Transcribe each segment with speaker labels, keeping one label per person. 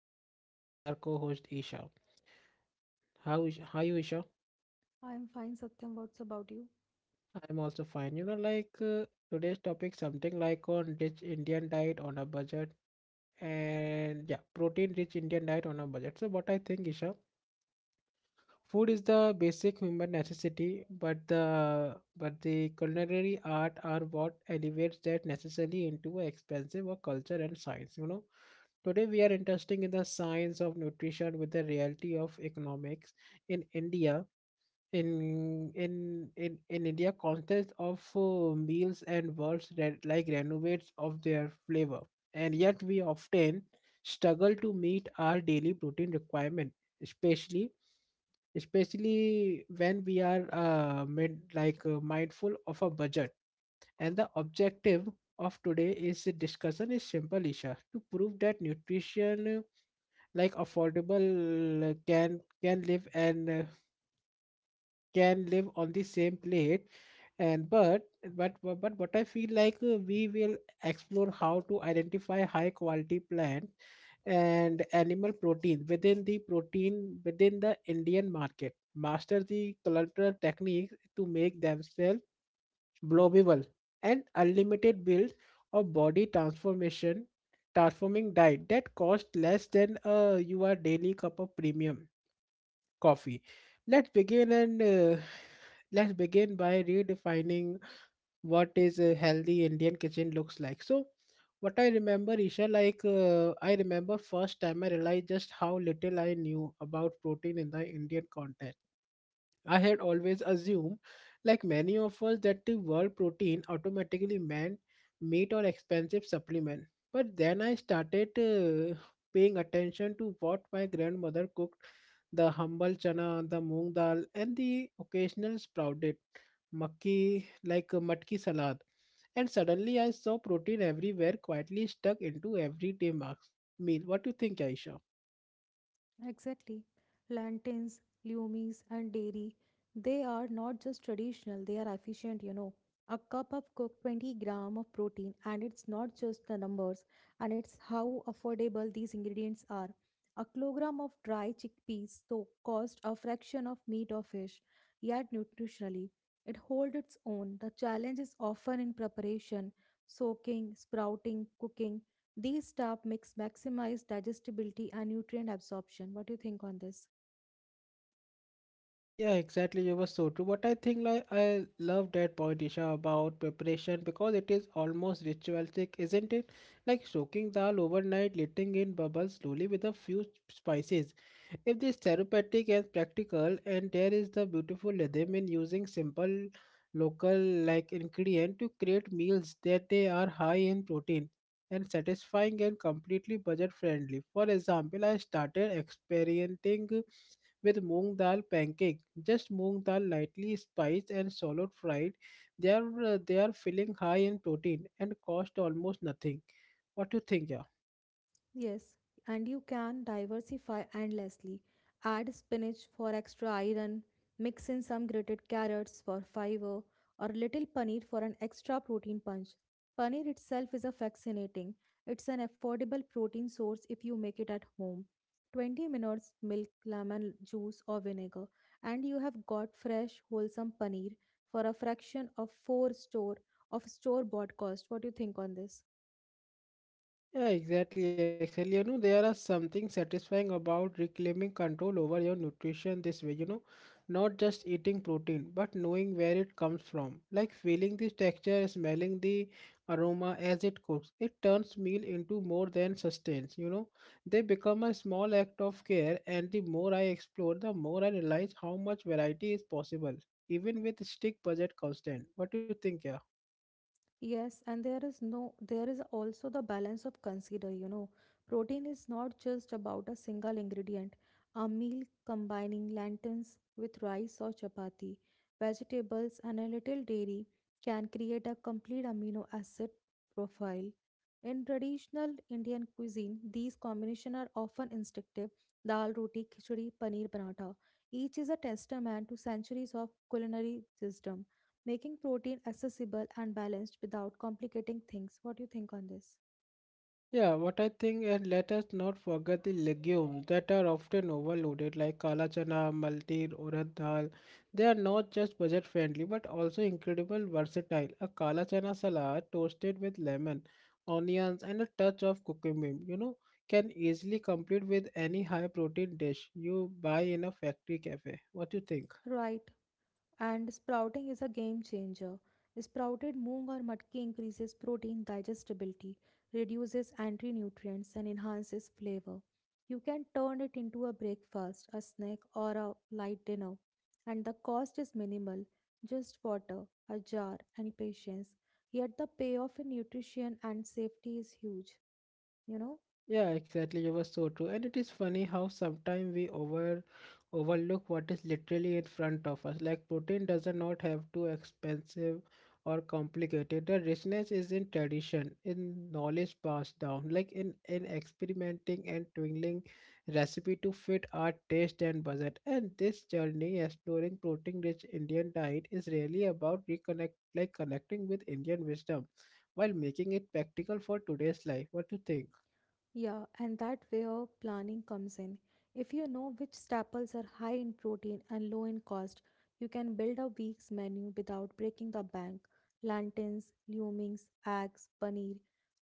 Speaker 1: and with me is our co-host Isha. How is how you Isha?
Speaker 2: I am fine, Satyam. What's about you?
Speaker 1: I'm also fine. You know today's topic something like on rich Indian diet on a budget and yeah, protein rich Indian diet on a budget. So what I think, Isha, food is the basic human necessity, but the culinary art are what elevates that necessarily into a expensive or culture and science. You know, today we are interested in the science of nutrition with the reality of economics in India, in India, contests of meals and words that like renovates of their flavor, and yet we often struggle to meet our daily protein requirement, especially especially when we are made, mindful of a budget. And the objective of today is the discussion is simple, Isha, to prove that nutrition like affordable can live an can live on the same plate and but but what I feel we will explore how to identify high quality plant and animal protein within the Indian market, master the cultural techniques to make themselves blowable and unlimited build or body transformation transforming diet that cost less than your daily cup of premium coffee. Let's begin and let's begin by redefining what is a healthy Indian kitchen looks like. So, what I remember, Isha, I remember first time I realized just how little I knew about protein in the Indian context. I had always assumed, like many of us, that the word protein automatically meant meat or expensive supplement. But then I started paying attention to what my grandmother cooked, the humble chana, the moong dal, and the occasional sprouted makki, like a matki salad. And suddenly I saw protein everywhere, quietly stuck into everyday marks. Meal. What do you think, Aisha?
Speaker 2: Exactly. Lanterns, lumis, and dairy, they are not just traditional, they are efficient. A cup of cooked 20 gram of protein, and it's not just the numbers, and it's how affordable these ingredients are. A kilogram of dry chickpeas so cost a fraction of meat or fish, yet nutritionally, it holds its own. The challenge is often in preparation soaking, sprouting, cooking. These step mix, maximize digestibility and nutrient absorption. What do you think on this?
Speaker 1: Yeah, exactly. You were so true. But I think, like, I love that point, Isha, about preparation because it is almost ritualistic, isn't it? Like soaking dal overnight, letting in bubbles slowly with a few spices. If this therapeutic and practical, and there is the beautiful rhythm in using simple local like ingredient to create meals that they are high in protein and satisfying and completely budget friendly. For example, I started experimenting with moong dal pancake. Just moong dal lightly spiced and swallowed fried. They are filling, high in protein and cost almost nothing. What do you think, yeah?
Speaker 2: Yes, and you can diversify endlessly. Add spinach for extra iron, mix in some grated carrots for fiber, or little paneer for an extra protein punch. Paneer itself is a fascinating. It's an affordable protein source if you make it at home. 20 minutes milk, lemon juice, or vinegar, and you have got fresh, wholesome paneer for a fraction of four store of store bought cost. What do you think on this?
Speaker 1: Yeah, exactly, exactly. You know, there are something satisfying about reclaiming control over your nutrition this way, you know, not just eating protein, but knowing where it comes from. Like feeling the texture, smelling the aroma as it cooks. It turns meal into more than sustenance, you know. They become a small act of care, and the more I explore, the more I realize how much variety is possible, even with strict budget constant. What do you think, yeah?
Speaker 2: Yes, and there is no there is also the balance of consider. Protein is not just about a single ingredient. A meal combining lentils with rice or chapati, vegetables and a little dairy can create a complete amino acid profile. In traditional Indian cuisine, these combinations are often instinctive. Dal, roti, khichdi, paneer, paratha. Each is a testament to centuries of culinary wisdom making protein accessible and balanced without complicating things. What do you think on this?
Speaker 1: Yeah, what I think, and let us not forget the legumes that are often overloaded, like kala chana, maltir, urad dal. They are not just budget friendly, but also incredible versatile. A kala chana salad toasted with lemon, onions, and a touch of cucumber, you know, can easily complete with any high protein dish you buy in a factory cafe. What do you think?
Speaker 2: Right. And sprouting is a game changer. Sprouted moong or matki increases protein digestibility, reduces anti nutrients, and enhances flavor. You can turn it into a breakfast, a snack, or a light dinner. And the cost is minimal just water, a jar, and patience. Yet the payoff in nutrition and safety is huge, you know.
Speaker 1: Yeah, exactly. You were so true. And it is funny how sometimes we overlook what is literally in front of us. Like protein does not have to expensive or complicated. The richness is in tradition, in knowledge passed down, like in experimenting and twiddling recipe to fit our taste and budget. And this journey exploring protein rich Indian diet is really about reconnect like connecting with Indian wisdom while making it practical for today's life. What do you think?
Speaker 2: Yeah, and that where planning comes in. If you know which staples are high in protein and low in cost, you can build a week's menu without breaking the bank. Plantains, legumes, eggs, paneer,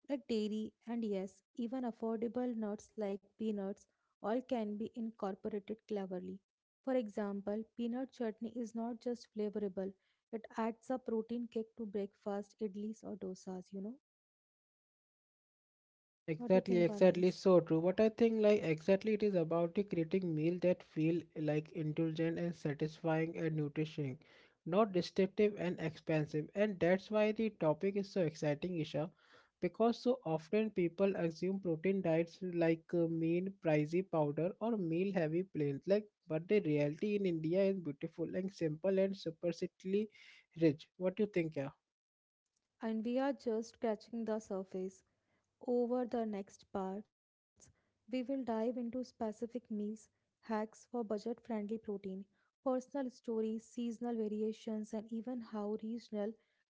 Speaker 2: like dairy, and yes, even affordable nuts like peanuts, all can be incorporated cleverly. For example, peanut chutney is not just flavorable, it adds a protein kick to breakfast, idlis, or dosas, you know? What do you
Speaker 1: Exactly,
Speaker 2: think on
Speaker 1: exactly.
Speaker 2: this?
Speaker 1: So true. But I think like exactly it is about the creating meal that feel like indulgent and satisfying and nourishing, not destructive and expensive. And that's why the topic is so exciting, Isha, because so often people assume protein diets mean pricey powder or meal heavy plans. Like, but the reality in India is beautiful and simple and superficially rich. What do you think, yeah?
Speaker 2: And we are just scratching the surface. Over the next parts, we will dive into specific meals, hacks for budget friendly protein, personal stories, seasonal variations, and even how regional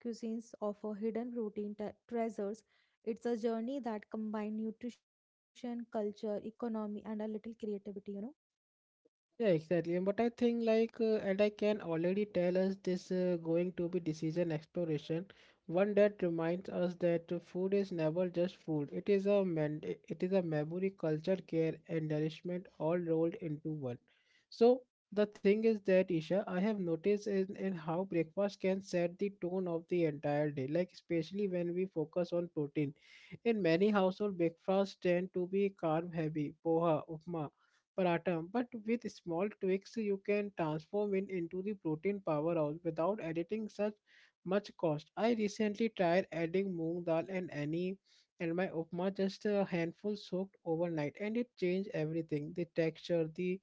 Speaker 2: cuisines offer hidden protein treasures. It's a journey that combines nutrition, culture, economy, and a little creativity.
Speaker 1: Yeah, exactly. But I think and I can already tell us this going to be decision exploration, one that reminds us that food is never just food. It is a man, it is a memory, culture, care, and nourishment all rolled into one. So the thing is that Isha, I have noticed in how breakfast can set the tone of the entire day, like especially when we focus on protein. In many households, breakfasts tend to be carb heavy, poha, upma, paratha, but with small tweaks, you can transform it into the protein powerhouse without adding such much cost. I recently tried adding moong dal and any and my upma, just a handful soaked overnight, and it changed everything, the texture, the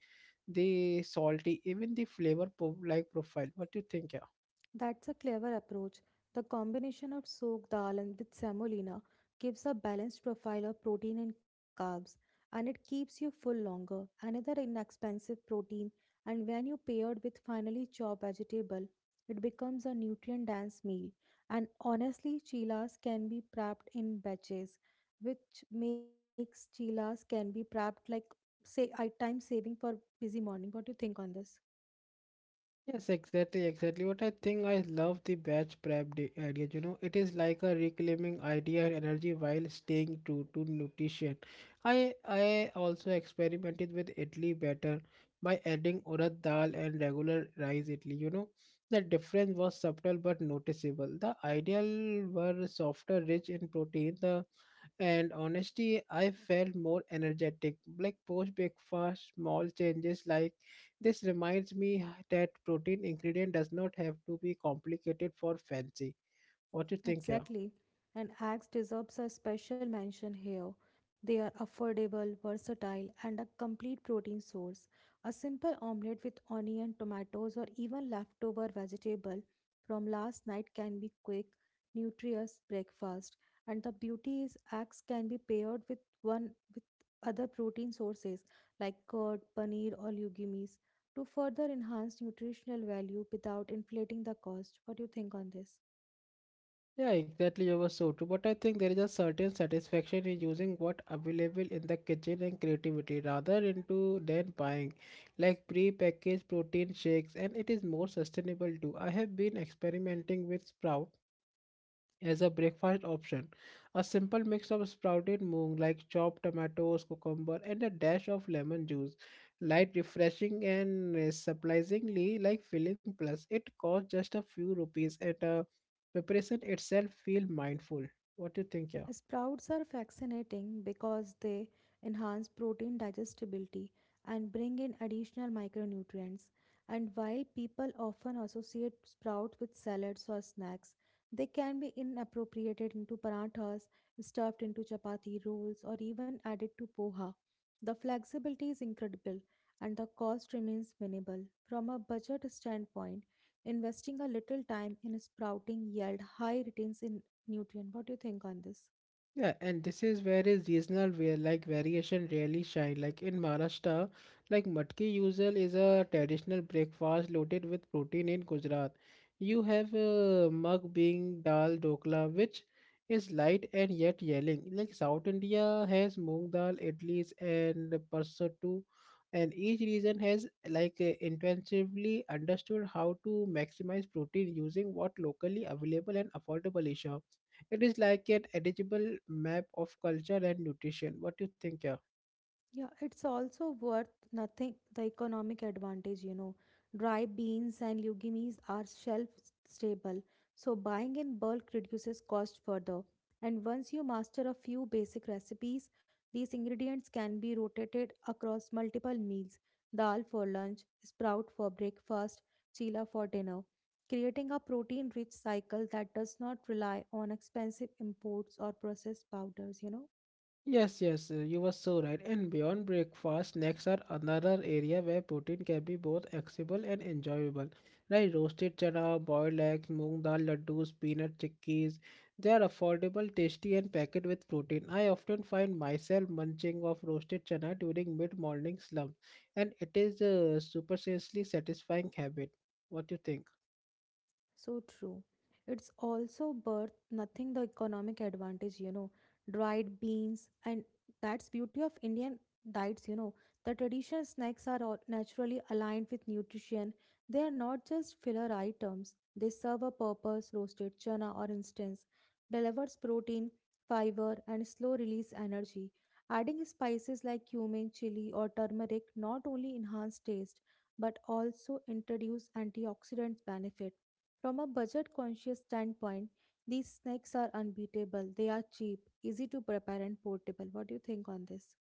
Speaker 1: the salty, even the flavor profile what do you think, yeah?
Speaker 2: That's a clever approach. The combination of soaked dal and with semolina gives a balanced profile of protein and carbs, and it keeps you full longer. Another inexpensive protein, and when you paired with finely chopped vegetable, it becomes a nutrient-dense meal. And honestly, chilas can be prepped in batches, which makes chilas can be prepped like say I time saving for busy morning. What do you think on this?
Speaker 1: Yes, exactly, exactly. What I think I love the batch prep idea. You know, it is like a reclaiming idea and energy while staying true to nutrition. I also experimented with idli batter by adding urad dal and regular rice idli. You know, the difference was subtle but noticeable. The ideal were softer, rich in protein. The and honestly I felt more energetic like post breakfast. Small changes like this reminds me that protein ingredient does not have to be complicated for fancy. What you think, yeah?
Speaker 2: Exactly. And Axe deserves a special mention here. They are affordable, versatile, and a complete protein source. A simple omelette with onion, tomatoes, or even leftover vegetable from last night can be quick, nutritious breakfast. And the beauty is Axe can be paired with one with other protein sources like curd, paneer, or legumes to further enhance nutritional value without inflating the cost. What do you think on this?
Speaker 1: Yeah, exactly, you were so true, but I think there is a certain satisfaction in using what available in the kitchen and creativity rather into than buying like pre-packaged protein shakes, and it is more sustainable too. I have been experimenting with sprout as a breakfast option. A simple mix of sprouted moong, like chopped tomatoes, cucumber, and a dash of lemon juice. Light, refreshing, and surprisingly like filling. Plus, it costs just a few rupees, and preparation itself feel mindful. What do you think, yeah?
Speaker 2: Sprouts are fascinating because they enhance protein digestibility and bring in additional micronutrients. And while people often associate sprout with salads or snacks, they can be inappropriated into parathas, stuffed into chapati rolls, or even added to poha. The flexibility is incredible and the cost remains minimal. From a budget standpoint, investing a little time in sprouting yield high returns in nutrient. What do you think on this?
Speaker 1: Yeah, and this is where is regional where like variation really shine. Like in Maharashtra, like matki usual is a traditional breakfast loaded with protein in Gujarat. You have mug being dal dokla, which is light and yet yelling. Like South India has moong dal, idlis, and parsattu, and each region has intensively understood how to maximize protein using what locally available and affordable is. Sure. It is like an edible map of culture and nutrition. What do you think, yeah?
Speaker 2: Yeah, it's also worth nothing. The economic advantage, dry beans and legumes are shelf stable, so buying in bulk reduces cost further. And once you master a few basic recipes, these ingredients can be rotated across multiple meals dal for lunch, sprout for breakfast, chila for dinner, creating a protein rich cycle that does not rely on expensive imports or processed powders.
Speaker 1: Yes, yes, you were so right. And beyond breakfast, snacks are another area where protein can be both accessible and enjoyable. Like roasted chana, boiled eggs, moong dal laddus, peanut chickies. They are affordable, tasty, and packed with protein. I often find myself munching of roasted chana during mid-morning slump, and it is a superstitiously satisfying habit. What do you think?
Speaker 2: So true. It's also birth nothing the economic advantage, dried beans and that's beauty of Indian diets. The traditional snacks are all naturally aligned with nutrition. They are not just filler items. They serve a purpose. Roasted chana or instance delivers protein, fiber and slow release energy. Adding spices like cumin, chili or turmeric not only enhance taste but also introduce antioxidant benefits from a budget conscious standpoint, these snacks are unbeatable. They are cheap, easy to prepare, and portable. What do you think on this?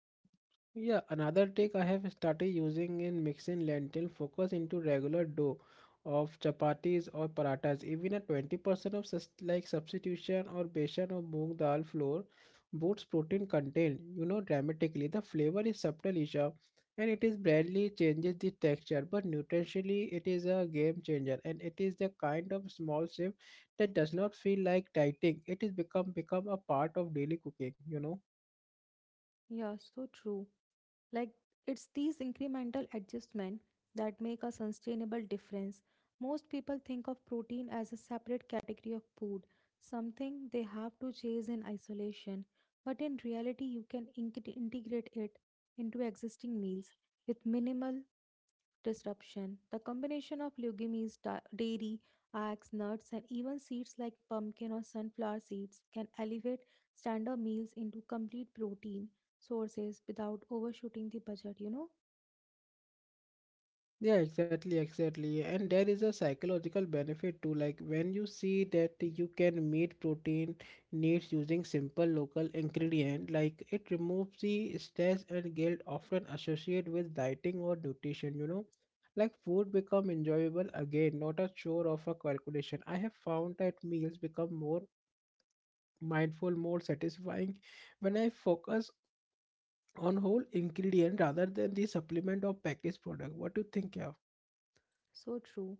Speaker 1: Yeah, another trick I have started using in mixing lentil focus into regular dough of chapatis or parathas. Even a 20% of substitution or besan or moong dal flour boosts protein content, you know, dramatically. The flavor is subtle, Isha, and it is barely changes the texture, but nutritionally it is a game changer, and it is the kind of small shift that does not feel like dieting. It is become a part of daily cooking, you know.
Speaker 2: Yeah, so true. Like, it's these incremental adjustments that make a sustainable difference. Most people think of protein as a separate category of food, something they have to chase in isolation. But in reality, you can integrate it into existing meals with minimal disruption. The combination of legumes, dairy, eggs, nuts, and even seeds like pumpkin or sunflower seeds can elevate standard meals into complete protein sources without overshooting the budget.
Speaker 1: Yeah, exactly, exactly. And there is a psychological benefit too. Like when you see that you can meet protein needs using simple local ingredient, like it removes the stress and guilt often associated with dieting or nutrition, you know. Like food become enjoyable again, not a chore of a calculation. I have found that meals become more mindful, more satisfying when I focus on whole ingredient rather than the supplement or packaged product. What do you think, yeah?
Speaker 2: So true.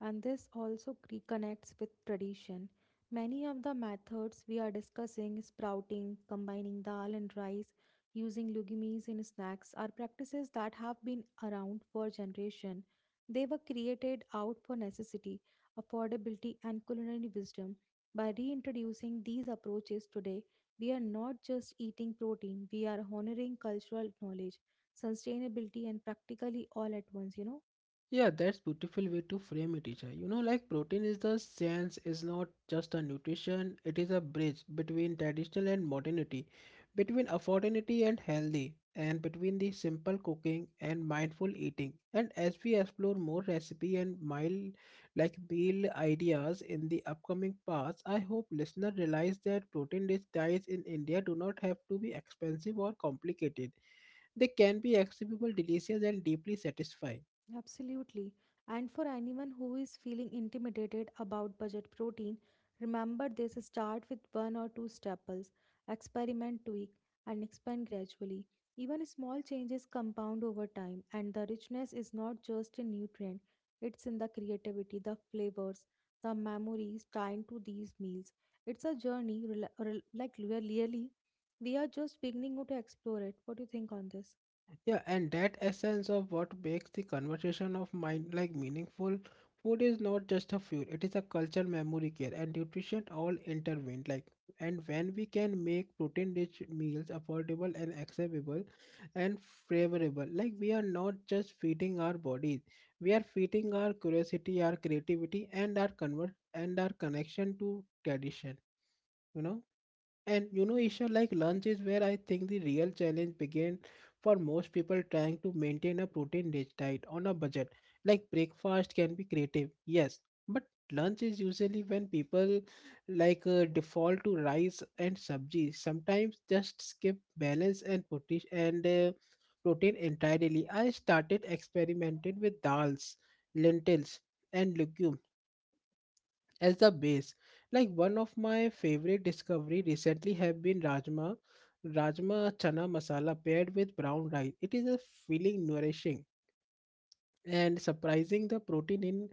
Speaker 2: And this also reconnects with tradition. Many of the methods we are discussing, sprouting, combining dal and rice, using legumes in snacks, are practices that have been around for generation. They were created out for necessity, affordability, and culinary wisdom. By reintroducing these approaches today, we are not just eating protein, we are honoring cultural knowledge, sustainability, and practically all at once.
Speaker 1: Yeah, that's beautiful way to frame it, Isha. You know, like protein is the science is not just a nutrition; it is a bridge between traditional and modernity, between affordability and healthy, and between the simple cooking and mindful eating. And as we explore more recipe and mild like meal ideas in the upcoming parts, I hope listeners realize that protein-rich diets in India do not have to be expensive or complicated. They can be accessible, delicious, and deeply satisfying.
Speaker 2: Absolutely. And for anyone who is feeling intimidated about budget protein, remember this start with one or two staples, experiment, tweak, and expand gradually. Even small changes compound over time, and the richness is not just in nutrient, it's in the creativity, the flavors, the memories tied to these meals. It's a journey, really, we are just beginning to explore it. What do you think on this?
Speaker 1: Yeah, and that essence of what makes the conversation of mind like meaningful. Food is not just a fuel, it is a culture, memory care, and nutrition all intervened. Like, and when we can make protein rich meals affordable and accessible and favorable, like, we are not just feeding our bodies, we are feeding our curiosity, our creativity, and our convert and our connection to tradition, you know. And you know,
Speaker 2: Yeah.
Speaker 1: Isha, like lunch is where I think the real challenge began for most people trying to maintain a protein rich diet on a budget. Like breakfast can be creative, yes, but lunch is usually when people like default to rice and sabji. Sometimes just skip balance and protein entirely. I started experimenting with dals, lentils, and legumes as the base. Like one of my favorite discovery recently have been rajma, rajma chana masala paired with brown rice. It is a feeling nourishing and surprising the protein in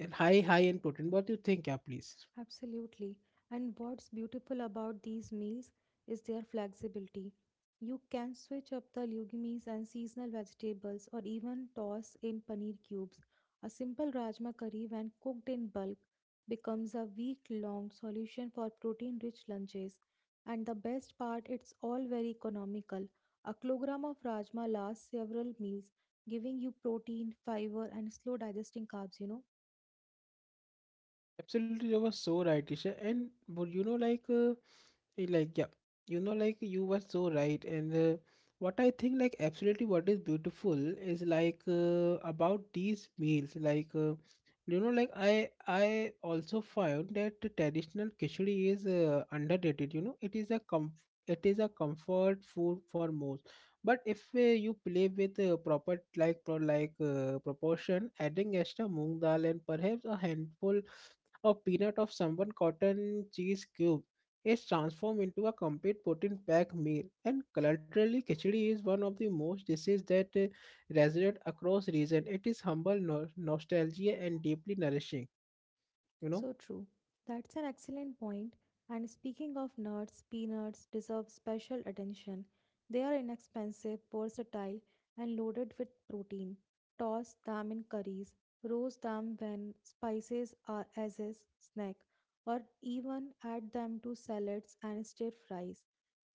Speaker 1: in high in protein. What do you think, yeah, please?
Speaker 2: Absolutely. And what's beautiful about these meals is their flexibility. You can switch up the legumes and seasonal vegetables or even toss in paneer cubes. A simple rajma curry, when cooked in bulk, becomes a week long solution for protein rich lunches. And the best part, it's all very economical. A kilogram of rajma lasts several meals, giving you protein, fiber, and slow digesting carbs.
Speaker 1: Absolutely, you were so right, Isha. And would you know, like like yeah you know like you were so right and what I think like absolutely what is beautiful is like about these meals like you know like I also found that the traditional khichdi is underrated. You know, it is a it is a comfort food for most, but if you play with proper like proportion, adding extra moong dal and perhaps a handful, a peanut of someone cotton cheese cube, is transformed into a complete protein-packed meal. And culturally, khichdi is one of the most dishes that resonate across region. It is humble, nostalgia, and deeply nourishing. You know.
Speaker 2: So true. That's an excellent point. And speaking of nuts, peanuts deserve special attention. They are inexpensive, versatile, and loaded with protein. Toss them in curries, roast them when spices are as a snack, or even add them to salads and stir fries.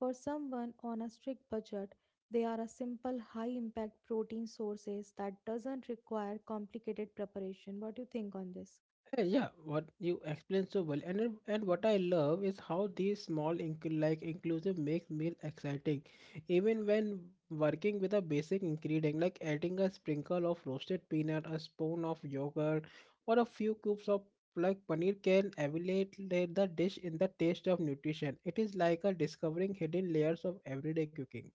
Speaker 2: For someone on a strict budget, they are a simple high-impact protein sources that doesn't require complicated preparation. What do you think on this?
Speaker 1: Yeah, what you explained so well, and what I love is how these small like inclusive makes meal exciting, even when working with a basic ingredient, like adding a sprinkle of roasted peanut, a spoon of yogurt, or a few cubes of like paneer can elevate the dish in the taste of nutrition. It is like a discovering hidden layers of everyday cooking.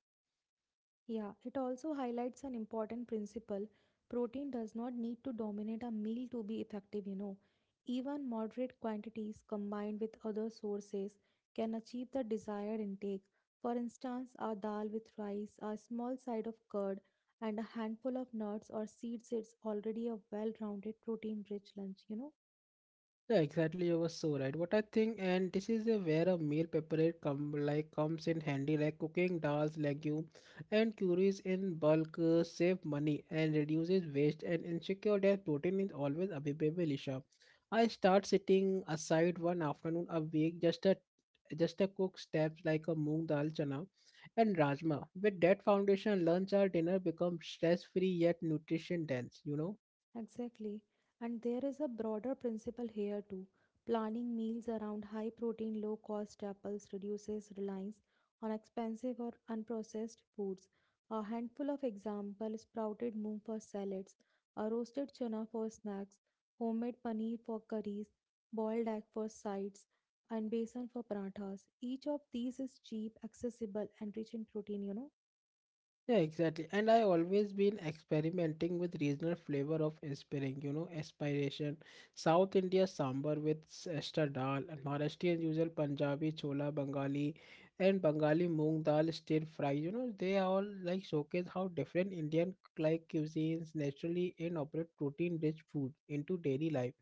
Speaker 2: Yeah, it also highlights an important principle. Protein does not need to dominate a meal to be effective. Even moderate quantities combined with other sources can achieve the desired intake. For instance, a dal with rice, a small side of curd, and a handful of nuts or seeds is already a well rounded protein rich lunch.
Speaker 1: Yeah, exactly. You were so right. What I think, and this is a where a meal prepared come like comes in handy, like cooking dals, legume, and curries in bulk, save money and reduces waste, and ensure that protein is always available. Isha, I start sitting aside one afternoon a week, just a cook steps like a moong dal chana and rajma. With that foundation, lunch or dinner becomes stress free yet nutrition dense. You know.
Speaker 2: Exactly. And there is a broader principle here too. Planning meals around high protein, low cost staples reduces reliance on expensive or unprocessed foods. A handful of examples sprouted moong for salads, a roasted chana for snacks, homemade paneer for curries, boiled egg for sides, and besan for parathas. Each of these is cheap, accessible, and rich in protein.
Speaker 1: Yeah, exactly. And I always been experimenting with regional flavor of inspiring, you know, aspiration. South India sambar with ester dal, and Maharashtrian usual Punjabi chola Bengali, and Bengali moong dal stir fry. You know, they all like showcase how different Indian like cuisines naturally incorporate protein-rich food into daily life.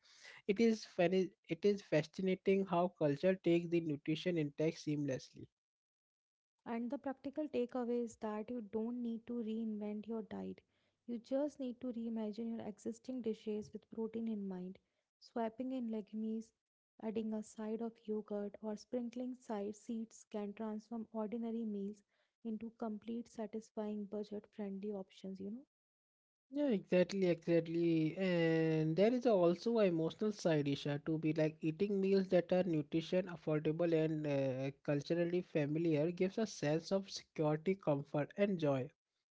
Speaker 1: It is it is fascinating how culture takes the nutrition intake seamlessly.
Speaker 2: And the practical takeaway is that you don't need to reinvent your diet. You just need to reimagine your existing dishes with protein in mind, swapping in legumes, adding a side of yogurt, or sprinkling side seeds can transform ordinary meals into complete satisfying budget friendly options.
Speaker 1: Yeah, exactly, exactly. And there is also a emotional side, Isha, to be like eating meals that are nutrition, affordable, and culturally familiar gives a sense of security, comfort, and joy.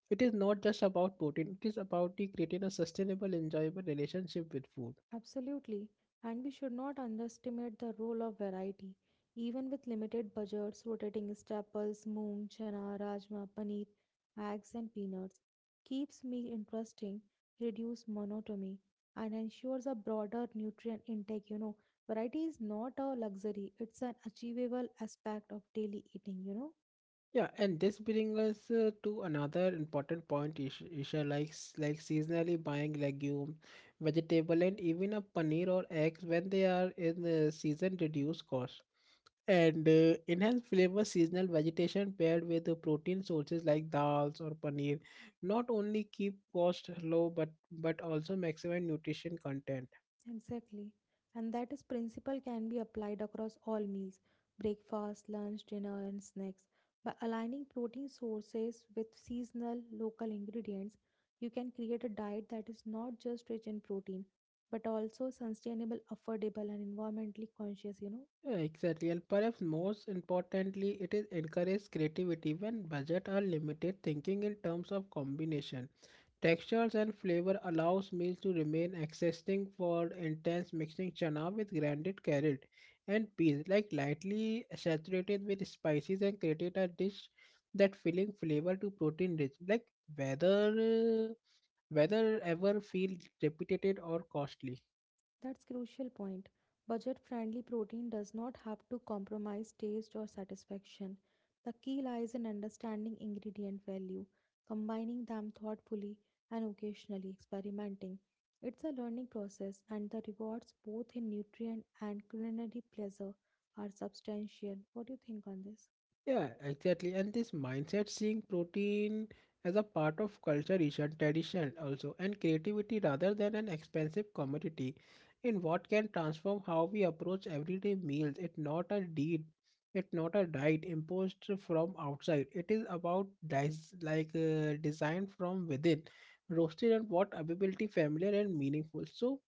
Speaker 1: It is not just about protein, it is about the creating a sustainable, enjoyable relationship with food.
Speaker 2: Absolutely, and we should not underestimate the role of variety. Even with limited budgets, rotating staples, moong, chana, rajma, paneer, eggs, and peanuts keeps meal interesting, reduce monotony, and ensures a broader nutrient intake. Variety is not a luxury; it's an achievable aspect of daily eating.
Speaker 1: Yeah, and this brings us to another important point, Isha, like, like seasonally buying legume, vegetable, and even a paneer or eggs when they are in season reduced cost. And enhanced flavor seasonal vegetation paired with the protein sources like dals or paneer not only keep cost low but also maximize nutrition content.
Speaker 2: Exactly. And that is principle can be applied across all meals, breakfast, lunch, dinner, and snacks. By aligning protein sources with seasonal local ingredients, you can create a diet that is not just rich in protein, but also sustainable, affordable, and environmentally conscious.
Speaker 1: Yeah, exactly, and perhaps most importantly, it is encourages creativity when budget are limited. Thinking in terms of combination, textures and flavor allows meals to remain existing for intense mixing chana with grinded carrot and peas, like lightly saturated with spices and created a dish that filling flavor to protein rich, like whether whether ever feel repeated or costly.
Speaker 2: That's crucial point. Budget-friendly protein does not have to compromise taste or satisfaction. The key lies in understanding ingredient value, combining them thoughtfully, and occasionally experimenting. It's a learning process, and the rewards, both in nutrient and culinary pleasure, are substantial. What do you think on this?
Speaker 1: Yeah, exactly. And this mindset, seeing protein as a part of culture, tradition, tradition also, and creativity rather than an expensive commodity, in what can transform how we approach everyday meals. It's not a deed, it's not a diet imposed from outside. It is about design from within, roasted and what availability, familiar and meaningful. So,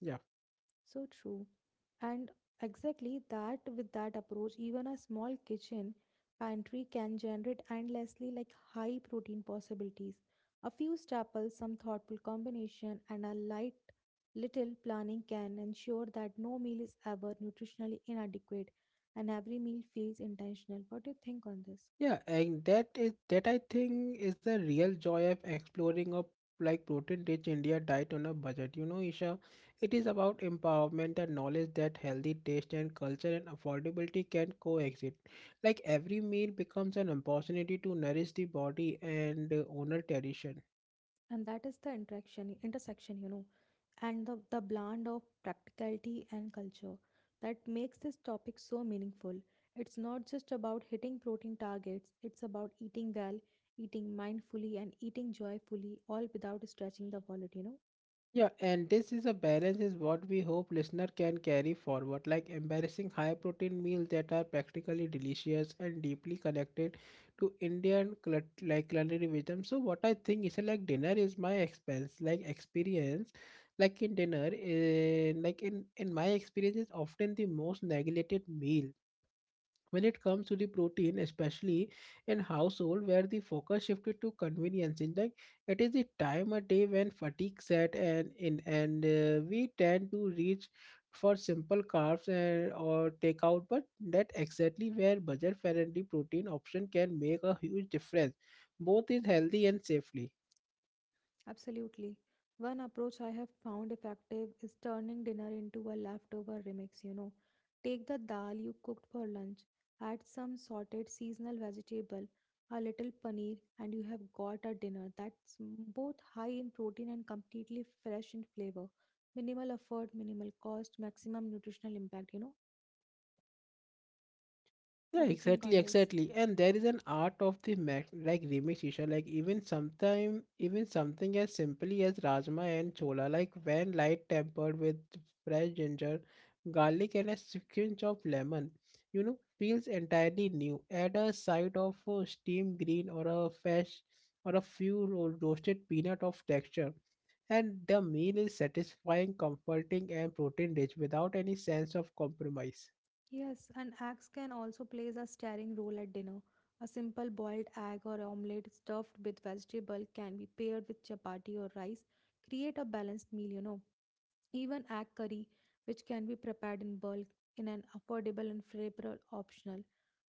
Speaker 1: yeah.
Speaker 2: So true. And exactly that with that approach, even a small kitchen pantry can generate endlessly like high protein possibilities. A few staples, some thoughtful combination, and a light little planning can ensure that no meal is ever nutritionally inadequate and every meal feels intentional. What do you think on this?
Speaker 1: Yeah, and that is that I think is the real joy of exploring a like protein rich India diet on a budget. You know, Isha, it is about empowerment and knowledge that healthy taste and culture and affordability can coexist. Like every meal becomes an opportunity to nourish the body and honor tradition.
Speaker 2: And that is the interaction intersection, you know, and the blend of practicality and culture that makes this topic so meaningful. It's not just about hitting protein targets, it's about eating well, eating mindfully, and eating joyfully, all without stretching the wallet, you know.
Speaker 1: Yeah, and this is a balance is what we hope listener can carry forward, like embarrassing high protein meals that are practically delicious and deeply connected to Indian like culinary wisdom. So what I think is like dinner is my expense, like experience, like in dinner, in, like in my experience is often the most neglected meal when it comes to the protein, especially in household where the focus shifted to convenience in like it is the time a day when fatigue set and in and we tend to reach for simple carbs and or takeout, but that exactly where budget friendly protein option can make a huge difference both is healthy and safely.
Speaker 2: Absolutely. One approach I have found effective is turning dinner into a leftover remix, you know. Take the dal you cooked for lunch, add some sorted seasonal vegetable, a little paneer, and you have got a dinner that's both high in protein and completely fresh in flavor. Minimal effort, minimal cost, maximum nutritional impact, you know.
Speaker 1: Yeah,
Speaker 2: What do you think
Speaker 1: exactly,
Speaker 2: on this?
Speaker 1: exactly. And there is an art of the mac like remix issue, like even sometime even something as simply as rajma and chola, like when light tempered with fresh ginger, garlic and a squinch of lemon, you know, feels entirely new. Add a side of steamed green or a fresh or a few roasted peanut of texture. And the meal is satisfying, comforting, and protein rich without any sense of compromise.
Speaker 2: Yes, and eggs can also play a starring role at dinner. A simple boiled egg or omelette stuffed with vegetable can be paired with chapati or rice, create a balanced meal, you know. Even egg curry, which can be prepared in bulk in an affordable and flavorful optional.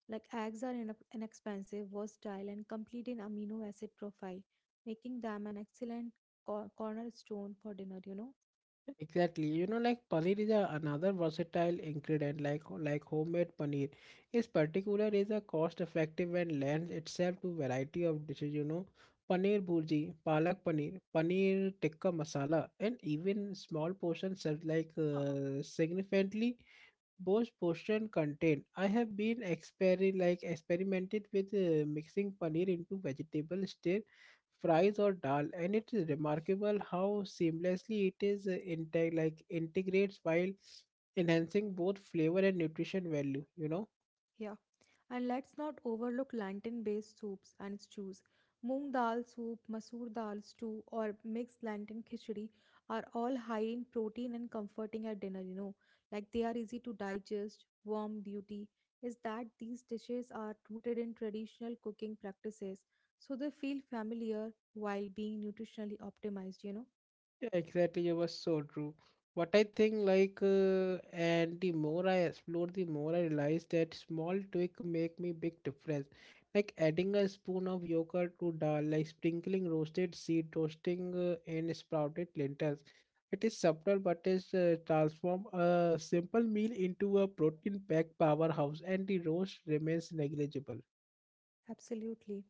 Speaker 2: Like eggs are inexpensive, versatile, and complete in amino acid profile, making them an excellent cornerstone for dinner, you know.
Speaker 1: Exactly. You know, like paneer is a, another versatile ingredient. Like like homemade paneer is particular is a cost effective and lends itself to variety of dishes. You know, paneer bhurji, palak paneer, paneer tikka masala, and even small portions serve like
Speaker 2: Uh,
Speaker 1: significantly both portion contain. I have been like experimented with mixing paneer into vegetable stir fries or dal, and it is remarkable how seamlessly it is like integrates while enhancing both flavor and nutrition value. You know.
Speaker 2: yeah. And let's not overlook plantain based soups and stews. Moong dal soup, masoor dal stew, or mixed plantain khichdi are all high in protein and comforting at dinner, you know. Like they are easy to digest, warm beauty is that these dishes are rooted in traditional cooking practices, so they feel familiar while being nutritionally optimized, you know.
Speaker 1: Yeah, exactly. It was so true. What I think, like, and the more I explore, the more I realize that small tweak make me big difference. Like adding a spoon of yogurt to dal, like sprinkling roasted seed, toasting and sprouted lentils. It is subtle, but it's transform a simple meal into a protein-packed powerhouse, and the roast remains negligible.
Speaker 2: Absolutely.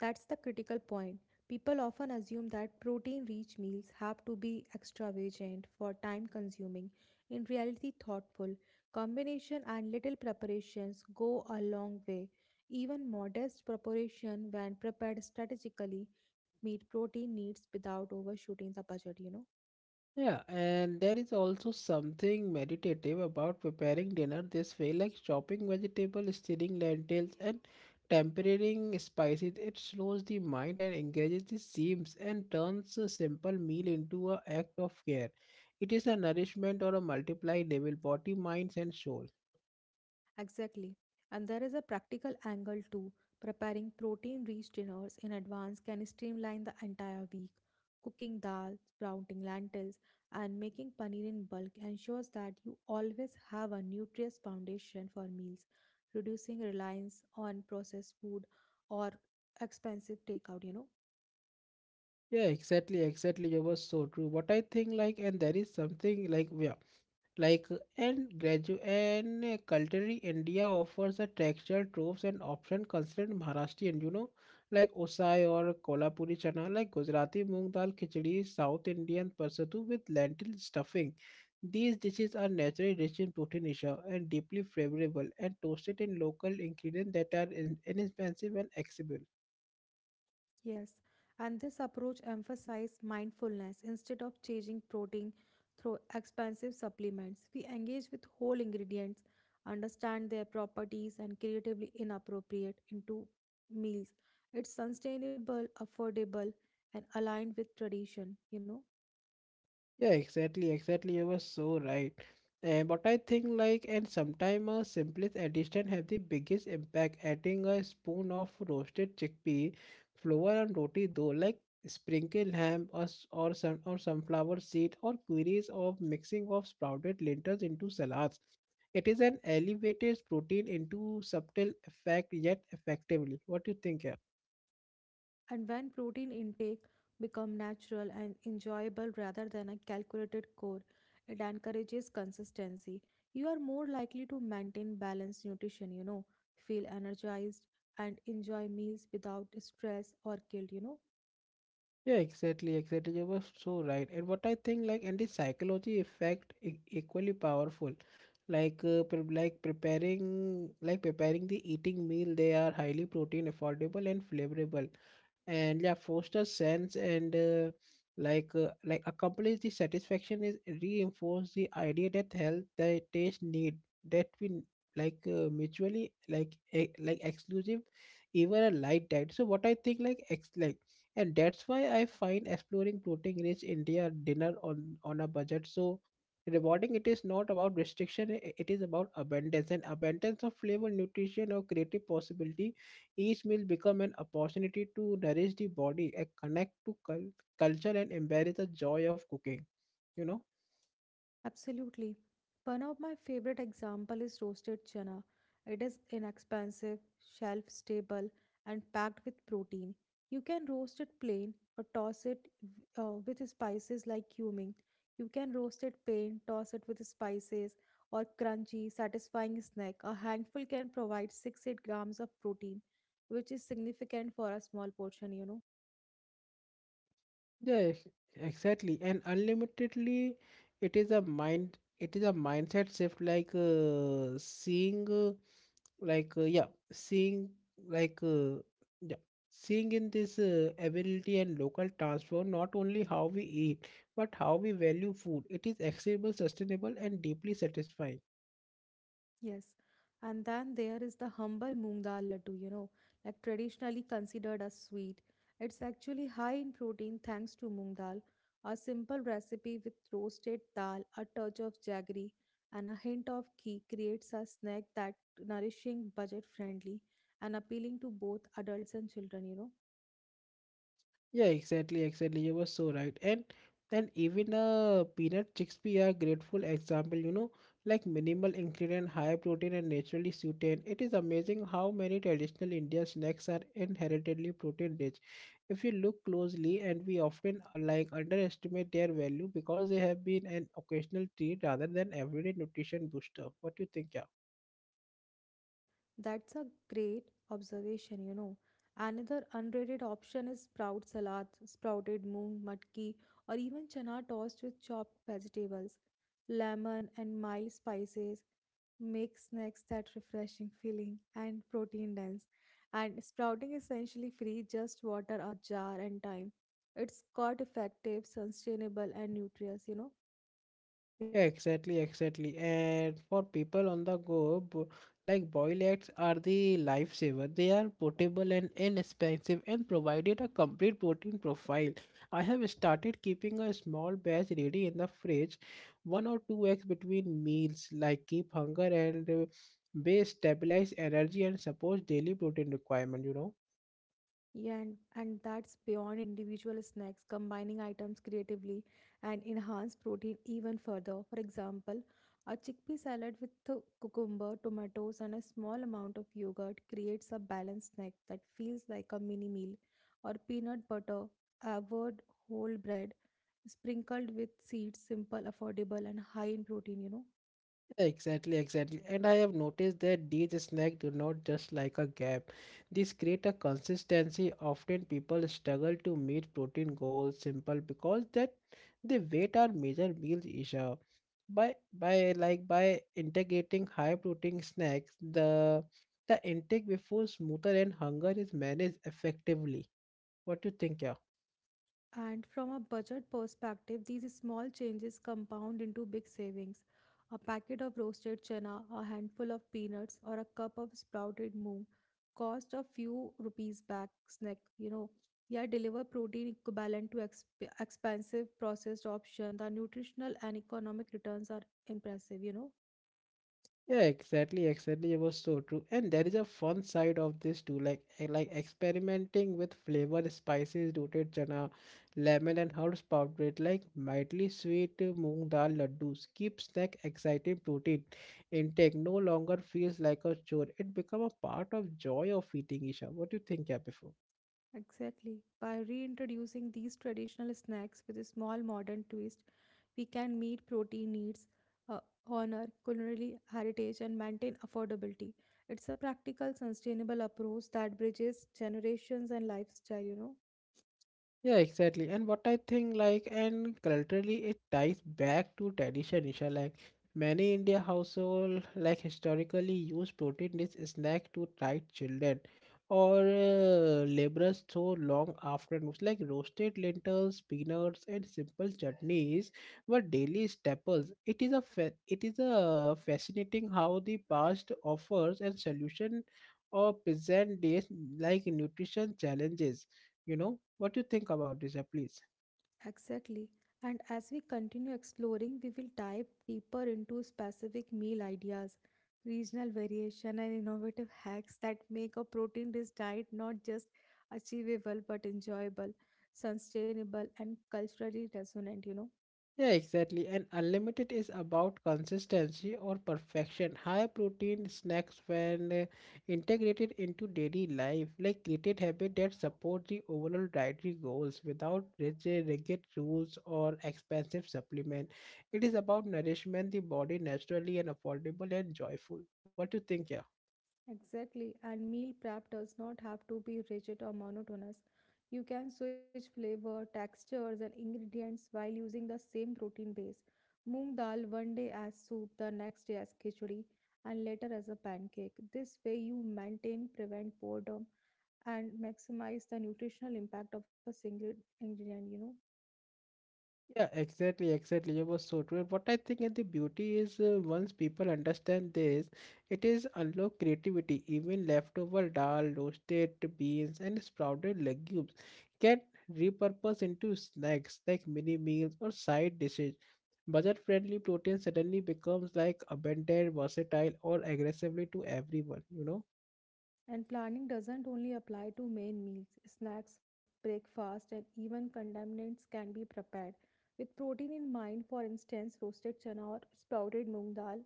Speaker 2: That's the critical point. People often assume that protein rich meals have to be extravagant for time consuming. In reality, thoughtful combination and little preparations go a long way. Even modest preparation, when prepared strategically, meet protein needs without overshooting the budget, you know.
Speaker 1: Yeah, and there is also something meditative about preparing dinner this way, like chopping vegetables, stirring lentils, and tempering spices. It slows the mind and engages the seams and turns a simple meal into an act of care. It is a nourishment or a multiply level, body, minds, and soul.
Speaker 2: Exactly. And there is a practical angle too. Preparing protein rich dinners in advance can streamline the entire week. Cooking dal, sprouting lentils, and making paneer in bulk ensures that you always have a nutritious foundation for meals, reducing reliance on processed food or expensive takeout, you know.
Speaker 1: Yeah, exactly, exactly. You was so true. What I think, like, and there is something like, yeah like and culturally India offers a textured troves and option considered Maharashtrian, you know, like Osai or Kolhapuri chana, like Gujarati moong dal khichdi, South Indian pasatu with lentil stuffing. These dishes are naturally rich in protein isha and deeply flavorable and toasted in local ingredients that are inexpensive and accessible.
Speaker 2: Yes, and this approach emphasizes mindfulness instead of changing protein through expensive supplements. We engage with whole ingredients, understand their properties, and creatively inappropriate into meals. It's sustainable, affordable, and aligned with tradition, you know.
Speaker 1: Yeah, exactly, exactly. You were so right. And but I think like and sometimes a simplest addition have the biggest impact. Adding a spoon of roasted chickpea flour and roti dough, like sprinkle ham or, or sun or sunflower seed or queries of mixing of sprouted lentils into salads. It is an elevated protein into subtle effect yet effectively. What do you think? Yeah?
Speaker 2: And when protein intake become natural and enjoyable rather than a calculated core, it encourages consistency. You are more likely to maintain balanced nutrition, you know, feel energized and enjoy meals without stress or guilt, you know.
Speaker 1: Yeah, exactly, exactly. You were so right. And what I think, like, and the psychology effect equally powerful. Like, preparing, like preparing the eating meal, they are highly protein affordable and flavorable, and yeah, foster sense and like accomplish the satisfaction is reinforce the idea that health, the taste need that we n- like mutually like exclusive, even a light diet. So what I think, like, ex like and that's why I find exploring protein rich india dinner on a budget so rewarding. It is not about restriction, it is about abundance and abundance of flavor nutrition or creative possibility. Each meal become an opportunity to nourish the body and connect to culture and embrace the joy of cooking, you know.
Speaker 2: Absolutely. One of my favorite example is roasted chana. It is inexpensive, shelf stable, and packed with protein. You can roast it plain or toss it with spices like cumin. You can roast it plain, toss it with spices, or crunchy, satisfying snack. A handful can provide 6-8 grams of protein, which is significant for a small portion, you know.
Speaker 1: Yeah, exactly. And unlimitedly, it is a mind, it is a mindset shift like seeing, like, yeah, seeing, like, yeah, seeing in this ability and local transform not only how we eat, but how we value food. It is accessible, sustainable, and deeply satisfying.
Speaker 2: Yes. And then there is the humble moong dal laddu, you know, like traditionally considered a sweet. It's actually high in protein thanks to moong dal, a simple recipe with roasted dal, a touch of jaggery, and a hint of ghee creates a snack that nourishing, budget friendly, and appealing to both adults and children, you know.
Speaker 1: Yeah, exactly, exactly. You were so right. And even peanut chickpea are grateful example, you know, like minimal ingredient, high protein and naturally suited. It is amazing how many traditional Indian snacks are inherently protein rich. If you look closely and we often like underestimate their value because they have been an occasional treat rather than everyday nutrition booster. What do you think, yeah?
Speaker 2: That's a great observation, you know. Another unrated option is sprout salad, sprouted moong, matki, or even chana tossed with chopped vegetables, lemon, and mild spices. Make snacks that refreshing feeling and protein dense. And sprouting is essentially free, just water, a jar, and time. It's quite effective, sustainable, and nutritious, you know.
Speaker 1: Yeah, exactly, exactly. And for people on the go, like boil eggs are the lifesaver. They are portable and inexpensive and provided a complete protein profile. I have started keeping a small batch ready in the fridge, one or two eggs between meals, like keep hunger and they stabilize energy and support daily protein requirement, you know.
Speaker 2: Yeah, and that's beyond individual snacks, combining items creatively and enhance protein even further. For example, a chickpea salad with the cucumber, tomatoes, and a small amount of yogurt creates a balanced snack that feels like a mini meal, or peanut butter, avoid whole bread, sprinkled with seeds, simple, affordable, and high in protein, you know.
Speaker 1: Exactly, exactly. And I have noticed that these snacks do not just like a gap. These create a consistency. Often people struggle to meet protein goals simple because that they weight or major meals issue. By integrating high protein snacks, the intake before smoother and hunger is managed effectively. What do you think, yeah?
Speaker 2: And from a budget perspective, these small changes compound into big savings. A packet of roasted chana, a handful of peanuts, or a cup of sprouted moong cost a few rupees back snack, you know. Yeah, deliver protein equivalent to expensive processed option. The nutritional and economic returns are impressive, you know.
Speaker 1: Yeah, exactly, exactly. It was so true. And there is a fun side of this too, like experimenting with flavor, spices, rooted chana, lemon and herbs powdered, like mildly sweet moong dal laddus. Keep snack exciting protein intake no longer feels like a chore. It become a part of joy of eating, Isha. What do you think, yeah, before?
Speaker 2: Exactly. By reintroducing these traditional snacks with a small modern twist, we can meet protein needs, uh, honor culinary heritage, and maintain affordability. It's a practical, sustainable approach that bridges generations and lifestyle, you know.
Speaker 1: Yeah, exactly. And what I think, like, and culturally, it ties back to tradition, Isha. Like, many India household, like, historically use protein rich snack to tide children or laborers through long afternoons. Like, roasted lentils, peanuts, and simple chutneys were daily staples. It is a fascinating how the past offers and solution or present days like nutrition challenges, you know what you think about this app please.
Speaker 2: Exactly. And as we continue exploring, we will dive deeper into specific meal ideas, regional variation, and innovative hacks that make a protein rich diet not just achievable but enjoyable, sustainable, and culturally resonant, you know.
Speaker 1: Yeah, exactly. And unlimited is about consistency or perfection high protein snacks when integrated into daily life like created habit that support the overall dietary goals without rigid rules or expensive supplement. It is about nourishment the body naturally and affordable and joyful. What do you think, yeah?
Speaker 2: Exactly, and meal prep does not have to be rigid or monotonous. You can switch flavor, textures, and ingredients while using the same protein base. Moong dal one day as soup, the next day as khichdi, and later as a pancake. This way, you maintain, prevent boredom, and maximize the nutritional impact of a single ingredient, you know.
Speaker 1: Yeah, exactly, exactly. You were so true. What I think and the beauty is once people understand this, it is unlock creativity. Even leftover dal, roasted beans, and sprouted legumes can repurpose into snacks like mini meals or side dishes. Budget-friendly protein suddenly becomes like abundant, versatile, or aggressively to everyone, you know?
Speaker 2: And planning doesn't only apply to main meals, snacks, breakfast, and even condiments can be prepared. With protein in mind, for instance, roasted chana or sprouted moong dal,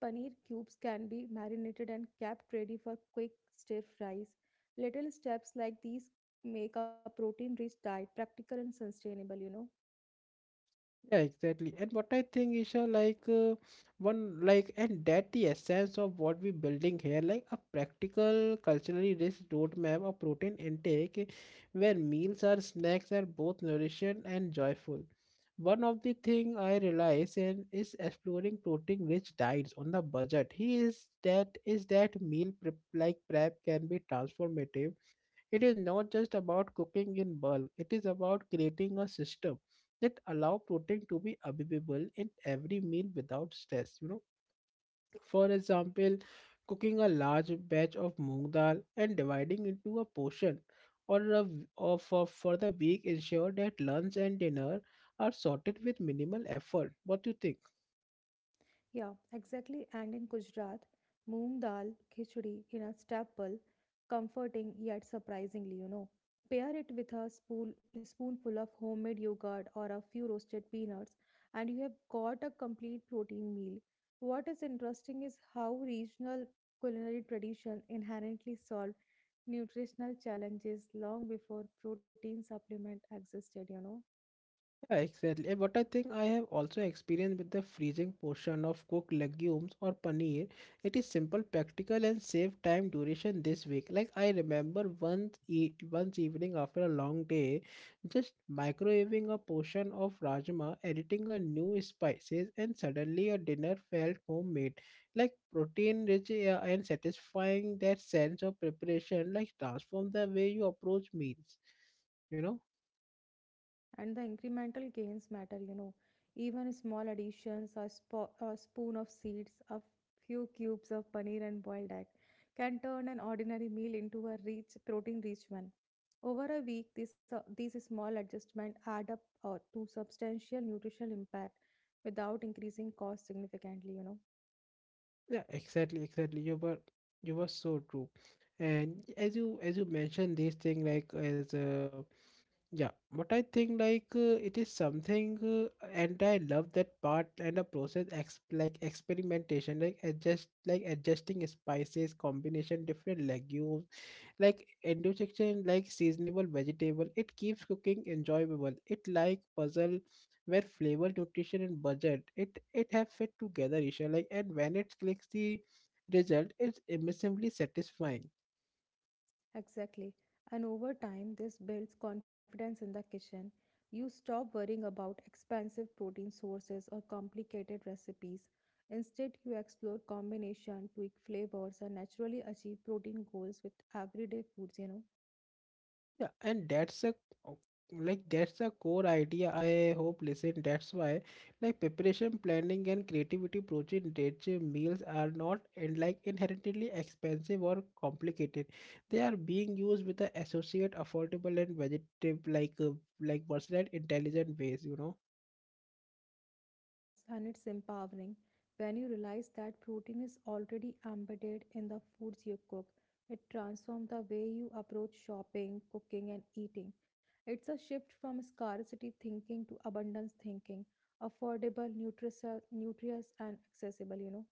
Speaker 2: paneer cubes can be marinated and kept ready for quick stir fries. Little steps like these make a protein rich diet practical and sustainable, you know.
Speaker 1: Yeah, exactly. And what I think, Isha, like one, like, and that the essence of what we building here, like a practical, culturally rich roadmap of protein intake, where meals or snacks are both nourishing and joyful. One of the thing I realize and is exploring protein rich diets on the budget. He is that meal prep like prep can be transformative. It is not just about cooking in bulk, it is about creating a system that allow protein to be available in every meal without stress. You know, for example, cooking a large batch of moong dal and dividing into a portion or a for the week ensure that lunch and dinner are sorted with minimal effort. What do you think?
Speaker 2: Yeah, exactly. And in Gujarat, moong dal, khichdi in a staple, comforting yet surprisingly, you know. Pair it with a spoon, spoonful of homemade yogurt or a few roasted peanuts, and you have got a complete protein meal. What is interesting is how regional culinary tradition inherently solved nutritional challenges long before protein supplement existed, you know.
Speaker 1: Yeah, exactly. And what I think I have also experienced with the freezing portion of cooked legumes or paneer, it is simple, practical, and save time duration this week. Like I remember once evening after a long day, just microwaving a portion of rajma, adding a new spices, and suddenly a dinner felt homemade. Like protein rich and satisfying that sense of preparation, like transform the way you approach meals, you know?
Speaker 2: And the incremental gains matter, you know. Even small additions, a a spoon of seeds, a few cubes of paneer and boiled egg, can turn an ordinary meal into a rich protein rich one. Over a week these small adjustments add up to substantial nutritional impact without increasing cost significantly, you know.
Speaker 1: Yeah, exactly, exactly. You were so true. And as you mentioned this thing like as yeah, but I think like it is something and I love that part and the process ex like experimentation like adjusting spices combination different legumes like indigestion like seasonable vegetable. It keeps cooking enjoyable it like puzzle where flavor nutrition and budget it have fit together, Isha, like, and when it clicks the result is immensely satisfying.
Speaker 2: Exactly. And over time, this builds confidence in the kitchen. You stop worrying about expensive protein sources or complicated recipes. Instead, you explore combination, tweak flavors, and naturally achieve protein goals with everyday foods, you know.
Speaker 1: Yeah, and o- that's a core idea I hope listen. That's why like preparation, planning and creativity protein rich meals are not and like inherently expensive or complicated. They are being used with the associate affordable and vegetative like versatile intelligent ways, you know.
Speaker 2: Yes, and it's empowering when you realize that protein is already embedded in the foods you cook. It transforms the way you approach shopping, cooking, and eating. It's a shift from scarcity thinking to abundance thinking, affordable, nutritious, nutritious and accessible, you know.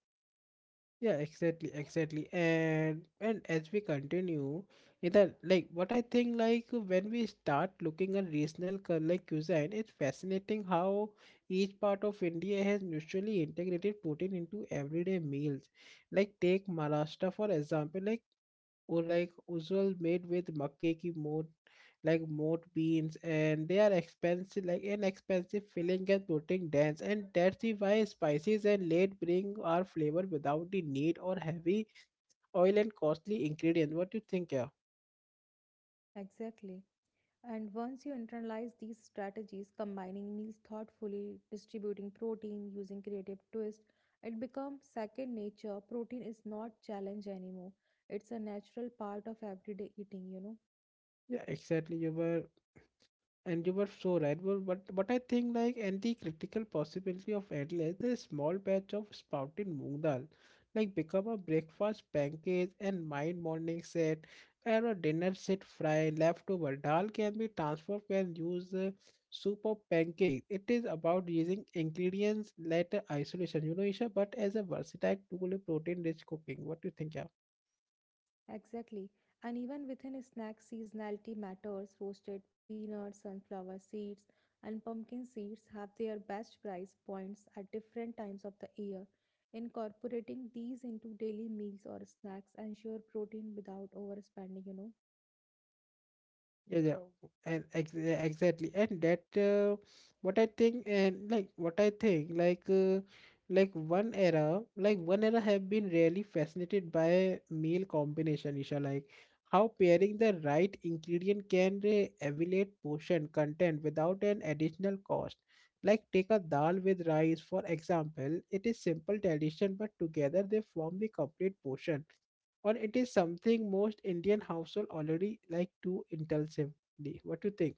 Speaker 1: Yeah, exactly, exactly. And as we continue, either like what I think like when we start looking at regional cuisine, it's fascinating how each part of India has mutually integrated protein into everyday meals. Like take Maharashtra for example, like or like usual made with makke ki moot like moat beans and they are expensive like an expensive filling and protein dense and that's the why spices and late bring our flavor without the need or heavy oil and costly ingredients. What do you think, yeah?
Speaker 2: Exactly. And once you internalize these strategies, combining meals thoughtfully, distributing protein, using creative twists, it becomes second nature. Protein is not challenge anymore. It's a natural part of everyday eating, you know.
Speaker 1: Yeah, exactly. You were. And you were so right, but but I think like and the critical possibility of Adelaide, a small batch of sprouted moong dal, like become a breakfast pancake and mind morning set, and a dinner set fry leftover dal can be transformed and use soup or pancake. It is about using ingredients later isolation, you know, Isha, but as a versatile tool in protein rich cooking. What do you think, yeah?
Speaker 2: Exactly. And even within a snack, seasonality matters. Roasted peanuts, sunflower seeds, and pumpkin seeds have their best price points at different times of the year. Incorporating these into daily meals or snacks ensure protein without overspending, you know.
Speaker 1: Yeah, yeah, and exactly. And that what I think and like what I think like one era have been really fascinated by meal combination, Isha, like how pairing the right ingredient can elevate portion content without an additional cost. Like take a dal with rice for example, it is simple addition but together they form the complete portion, or it is something most Indian household already like to impulsively. What do you think?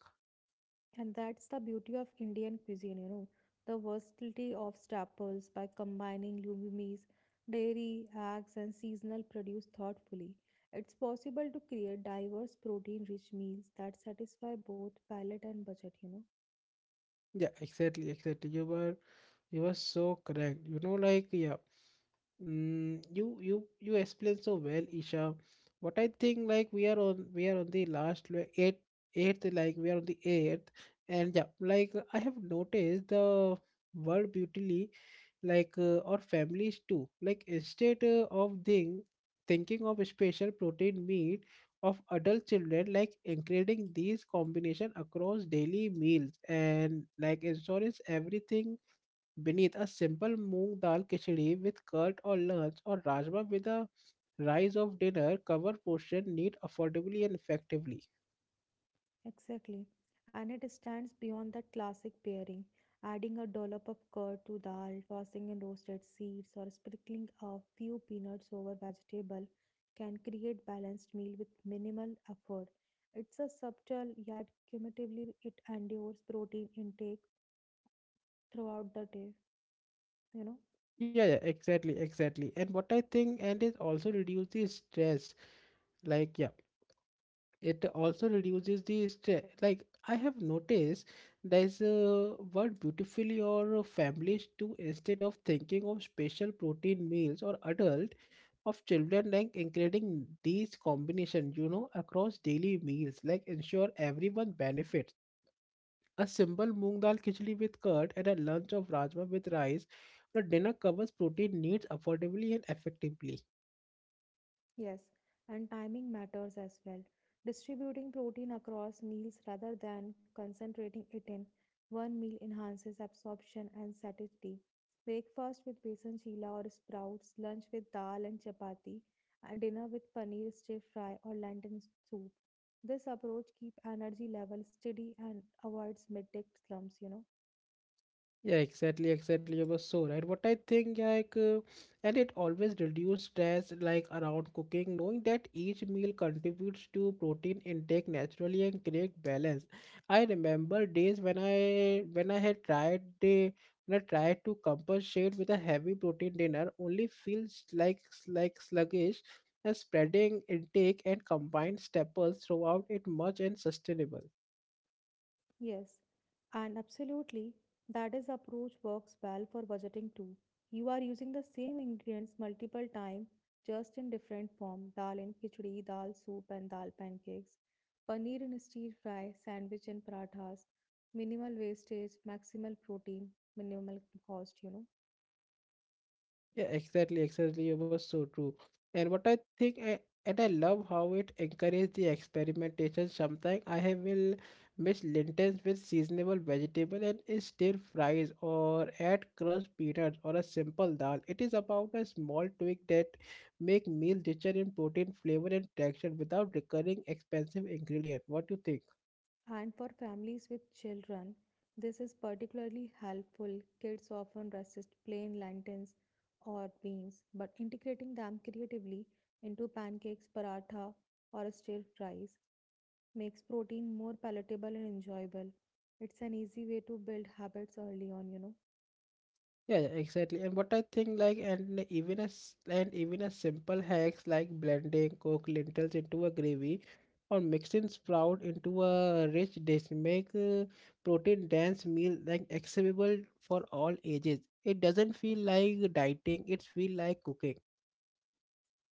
Speaker 2: And that's the beauty of Indian cuisine, you know, the versatility of staples by combining legumes, dairy, eggs, and seasonal produce thoughtfully. It's possible to create diverse protein rich meals that satisfy both palate and budget, you know.
Speaker 1: Yeah, exactly, exactly. You were so correct. You know, like, yeah. Mm, you explained so well, Isha. What I think like we are on the last, like, eight eighth like we are on the eighth, and yeah like I have noticed the world beautifully like or families too, like instead of thinking of special protein meat of adult children like including these combination across daily meals and like insurance everything beneath a simple moong dal khichdi with curd or lunch or rajma with a rise of dinner cover portion need affordably and effectively.
Speaker 2: Exactly. And it stands beyond that classic pairing, adding a dollop of curd to dal, tossing in roasted seeds, or sprinkling a few peanuts over vegetable can create balanced meal with minimal effort. It's a subtle yet cumulatively it endures protein intake throughout the day, you know.
Speaker 1: Yeah, yeah, exactly, exactly. And what I think, and it also reduce the stress, like, yeah, it also reduces the stress like I have noticed there's a word beautifully your families do instead of thinking of special protein meals or adult of children like including these combination, you know, across daily meals like ensure everyone benefits a simple moong dal khichdi with curd and a lunch of rajma with rice or dinner covers protein needs affordably and effectively.
Speaker 2: Yes, and timing matters as well. Distributing protein across meals rather than concentrating it in one meal enhances absorption and satiety. Breakfast with besan chila or sprouts, lunch with dal and chapati, and dinner with paneer stir fry or lentil soup. This approach keeps energy level steady and avoids midday slumps, you know.
Speaker 1: Yeah, exactly, exactly. You were so right. What I think, yeah, like, and it always reduce stress, like around cooking, knowing that each meal contributes to protein intake naturally and create balance. I remember days when I had tried the when I tried to compensate with a heavy protein dinner, only feels like sluggish. A spreading intake and combined staples throughout it much and sustainable.
Speaker 2: Yes, and absolutely, that is approach works well for budgeting too. You are using the same ingredients multiple times, just in different form. Dal in khichdi, dal soup and dal pancakes, paneer in stir fry, sandwich and parathas, minimal wastage, maximal protein, minimal cost, you know.
Speaker 1: Yeah, exactly, exactly. It was so true. And what I think, I, and I love how it encouraged the experimentation. Sometimes I have will mix lentils with seasonable vegetable and is still fries or add crushed peanuts or a simple dal. It is about a small tweak that make meal richer in protein, flavor, and texture without recurring expensive ingredient. What do you think?
Speaker 2: And for families with children, this is particularly helpful. Kids often resist plain lentils or beans, but integrating them creatively into pancakes, paratha, or stir fries makes protein more palatable and enjoyable. It's an easy way to build habits early on, you know.
Speaker 1: Yeah, yeah, exactly. And what I think like and even as simple hacks like blending cooked lentils into a gravy or mixing sprout into a rich dish make a protein dense meal like accessible for all ages. It doesn't feel like dieting, it feels like cooking.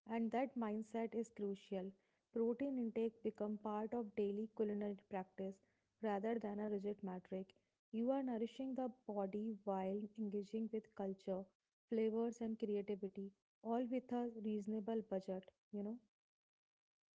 Speaker 2: And that mindset is crucial. Protein intake become part of daily culinary practice rather than a rigid metric. You are nourishing the body while engaging with culture, flavors and creativity, all with a reasonable budget, you know.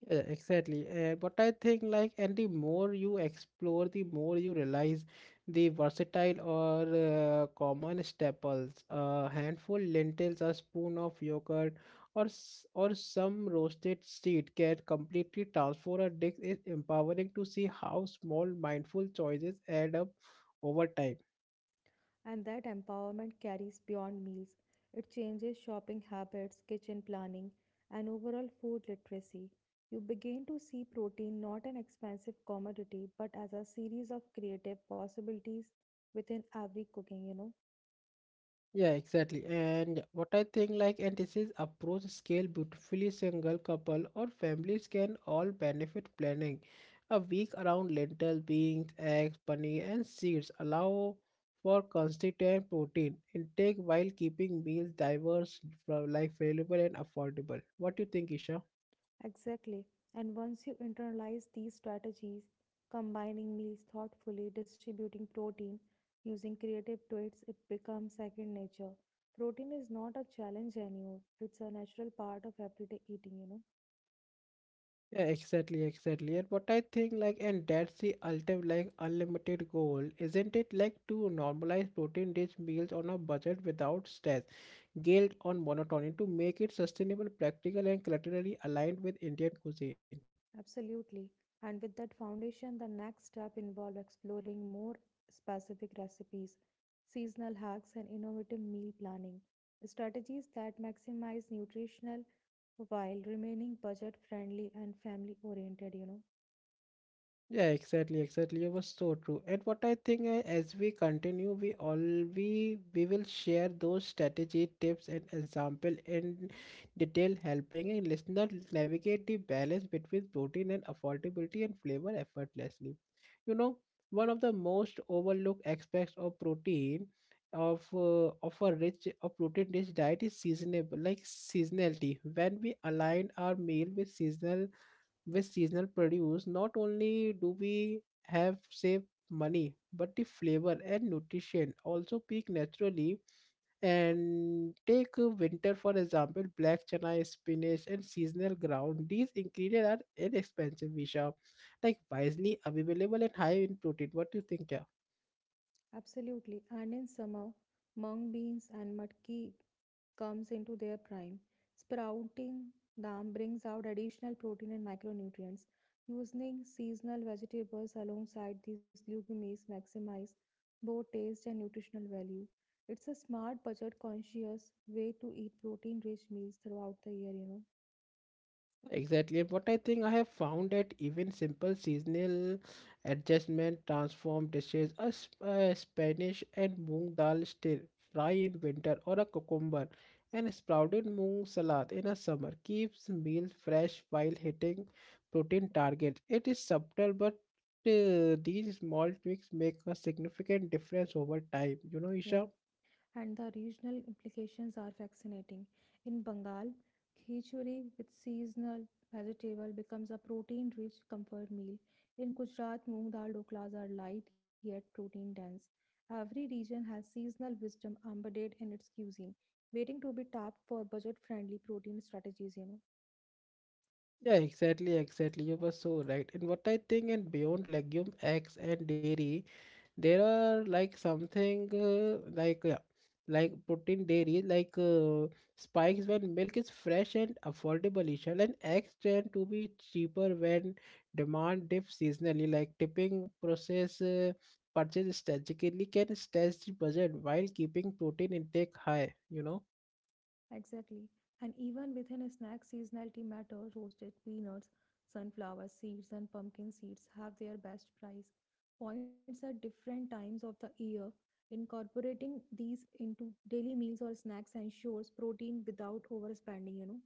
Speaker 1: Yeah, exactly. But I think like, and the more you explore, the more you realize the versatile or common staples. A handful lentils, a spoon of yogurt, or or some roasted seed can completely transform a dish. It's empowering to see how small mindful choices add up over time.
Speaker 2: And that empowerment carries beyond meals. It changes shopping habits, kitchen planning, and overall food literacy. You begin to see protein not an expensive commodity but as a series of creative possibilities within every cooking, you know.
Speaker 1: Yeah, exactly. And what I think like and this is approach scale beautifully single couple or families can all benefit planning a week around lentil, beans, eggs, paneer and seeds allow for consistent protein intake while keeping meals diverse like available and affordable. What do you think, Isha?
Speaker 2: Exactly. And once you internalize these strategies, combining meals thoughtfully, distributing protein, using creative tweaks, it becomes second nature. Protein is not a challenge anymore, it's a natural part of everyday eating, you know.
Speaker 1: Yeah, exactly, exactly. And what I think like and that's the ultimate like unlimited goal, isn't it? Like to normalize protein rich meals on a budget without stress guilt on monotony to make it sustainable, practical, and culturally aligned with Indian cuisine.
Speaker 2: Absolutely. And with that foundation, the next step involved exploring more specific recipes, seasonal hacks, and innovative meal planning strategies that maximize nutritional while remaining budget friendly and family oriented, you know.
Speaker 1: Yeah, exactly, exactly. It was so true. And what I think as we continue, we all we will share those strategy tips and example in detail, helping a listener navigate the balance between protein and affordability and flavor effortlessly. You know, one of the most overlooked aspects of protein of a protein rich diet is seasonable like seasonality. When we align our meal with seasonal produce, not only do we have saved money, but the flavor and nutrition also peak naturally. And take winter for example, black chana, spinach and seasonal ground, these ingredients are inexpensive, visha, like wisely available and high in protein. What do you think, yeah?
Speaker 2: Absolutely. And in summer, mung beans and matki comes into their prime. Sprouting them brings out additional protein and micronutrients. Using seasonal vegetables alongside these legumes maximize both taste and nutritional value. It's a smart, budget-conscious way to eat protein-rich meals throughout the year, you know.
Speaker 1: Exactly. What I think, I have found that even simple seasonal adjustment transform dishes, a Spanish and moong dal still fry in winter, or a cucumber and sprouted moong salad in a summer keeps meals fresh while hitting protein targets. It is subtle, but these small tweaks make a significant difference over time. You know,
Speaker 2: Yeah.
Speaker 1: Isha.
Speaker 2: And the regional implications are fascinating. In Bengal, khichdi with seasonal vegetable becomes a protein-rich comfort meal. In Gujarat, moong dal doklas are light yet protein-dense. Every region has seasonal wisdom embedded in its cuisine, waiting to be tapped for budget-friendly protein strategies, you know.
Speaker 1: Yeah, exactly, exactly. You were so right. And what I think, and beyond legume, eggs, and dairy. There are like something like yeah, like protein dairy like spikes when milk is fresh and affordable, Ishan, and eggs tend to be cheaper when demand dips seasonally, like tipping process, purchase strategically, can stretch the budget while keeping protein intake high, you know.
Speaker 2: Exactly. And even within a snack, seasonality matters. Roasted peanuts, sunflower seeds, and pumpkin seeds have their best price points at different times of the year. Incorporating these into daily meals or snacks ensures protein without overspending, you know.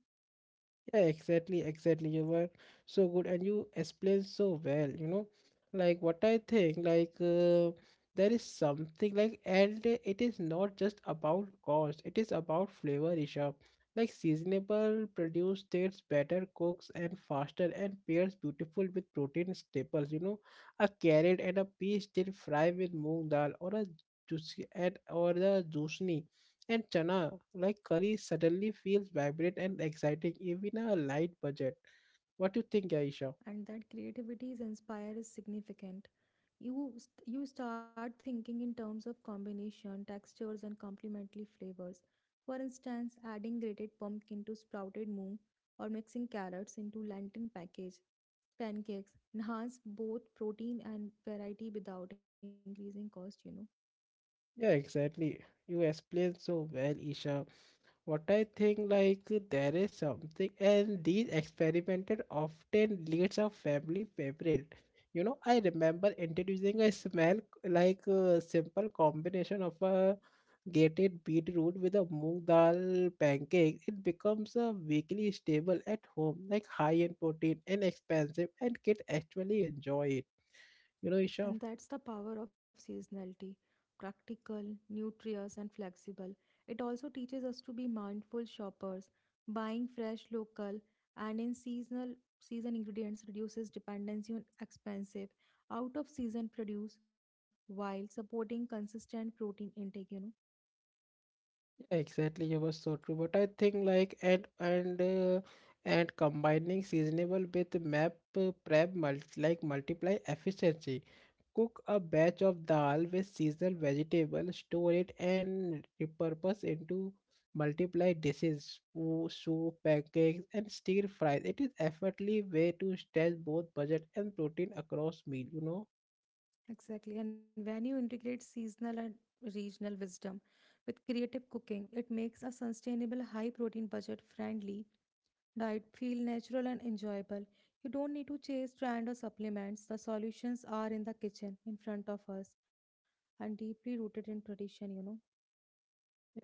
Speaker 1: Yeah, exactly, exactly. You were so good and you explained so well, you know. Like what I think, there is something like, and it is not just about cost, it is about flavor, Rishabh. Like seasonable produce tastes better, cooks and faster, and pairs beautiful with protein staples, you know. A carrot and a pea still fry with moong dal, or a juicy and or the juicni and chana, like curry, suddenly feels vibrant and exciting, even a light budget. What do you think, Aisha?
Speaker 2: And that creativity's inspire is significant. You start thinking in terms of combination, textures, and complementary flavors. For instance, adding grated pumpkin to sprouted moon or mixing carrots into lantern package pancakes enhance both protein and variety without increasing cost, you know.
Speaker 1: Yeah, exactly. You explained so well, Isha. What I think, like, there is something, and these experimented often leads a family favorite, you know. I remember introducing a smell, like a simple combination of a gated beetroot with a moong dal pancake. It becomes a weekly staple at home, like high in protein and expensive, and kids actually enjoy it, you know, Isha?
Speaker 2: And that's the power of seasonality practical, nutritious, and flexible. It also teaches us to be mindful shoppers. Buying fresh, local, and in seasonal season ingredients reduces dependency on expensive out of season produce while supporting consistent protein intake, you know.
Speaker 1: Exactly, you were so true. But I think like and combining seasonable with map prep multiply efficiency. Cook a batch of dal with seasonal vegetable, store it and repurpose into multiply dishes, soup, pancakes, and stir fries. It is effortlessly way to stretch both budget and protein across meal. You know.
Speaker 2: Exactly. And when you integrate seasonal and regional wisdom with creative cooking, it makes a sustainable high protein budget friendly diet feel natural and enjoyable. You don't need to chase trend or supplements. The solutions are in the kitchen in front of us and deeply rooted in tradition, you know.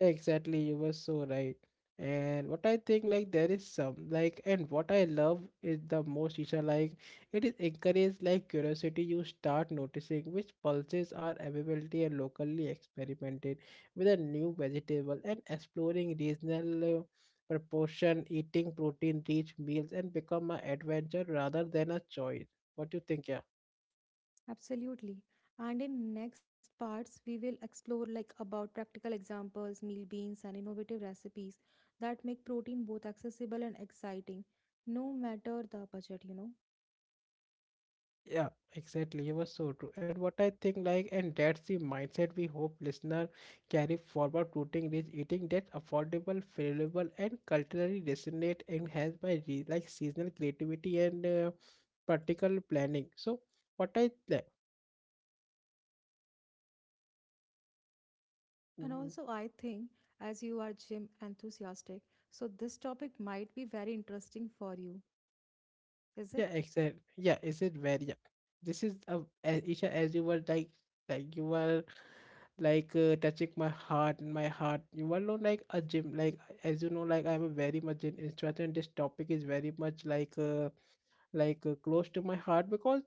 Speaker 1: Exactly, you were so right. And what I think, like, there is some, like, and what I love is the most, Isha, like, it is encouraged, like, curiosity. You start noticing which pulses are available and locally experimented with a new vegetable, and exploring regional proportion, eating protein-rich meals, and become an adventure rather than a choice. What do you think, yeah?
Speaker 2: Absolutely. And in next parts we will explore like about practical examples, meal beans and innovative recipes that make protein both accessible and exciting no matter the budget, you know.
Speaker 1: Yeah, exactly. You were so true. And what I think, like, and that's the mindset we hope listener carry forward, rooting rich eating that's affordable, favorable, and culturally resonate, and has like seasonal creativity and practical planning. So, what I like,
Speaker 2: And also
Speaker 1: mm,
Speaker 2: I think as you are gym enthusiastic, so this topic might be very interesting for you. Is
Speaker 1: yeah,
Speaker 2: it?
Speaker 1: exactly. Yeah, is it very, yeah. This is a as Isha, as you were like you were like touching my heart, and my heart, you all know, like a gym, like, as you know, like I'm a very much an instructor, and this topic is very much close to my heart, because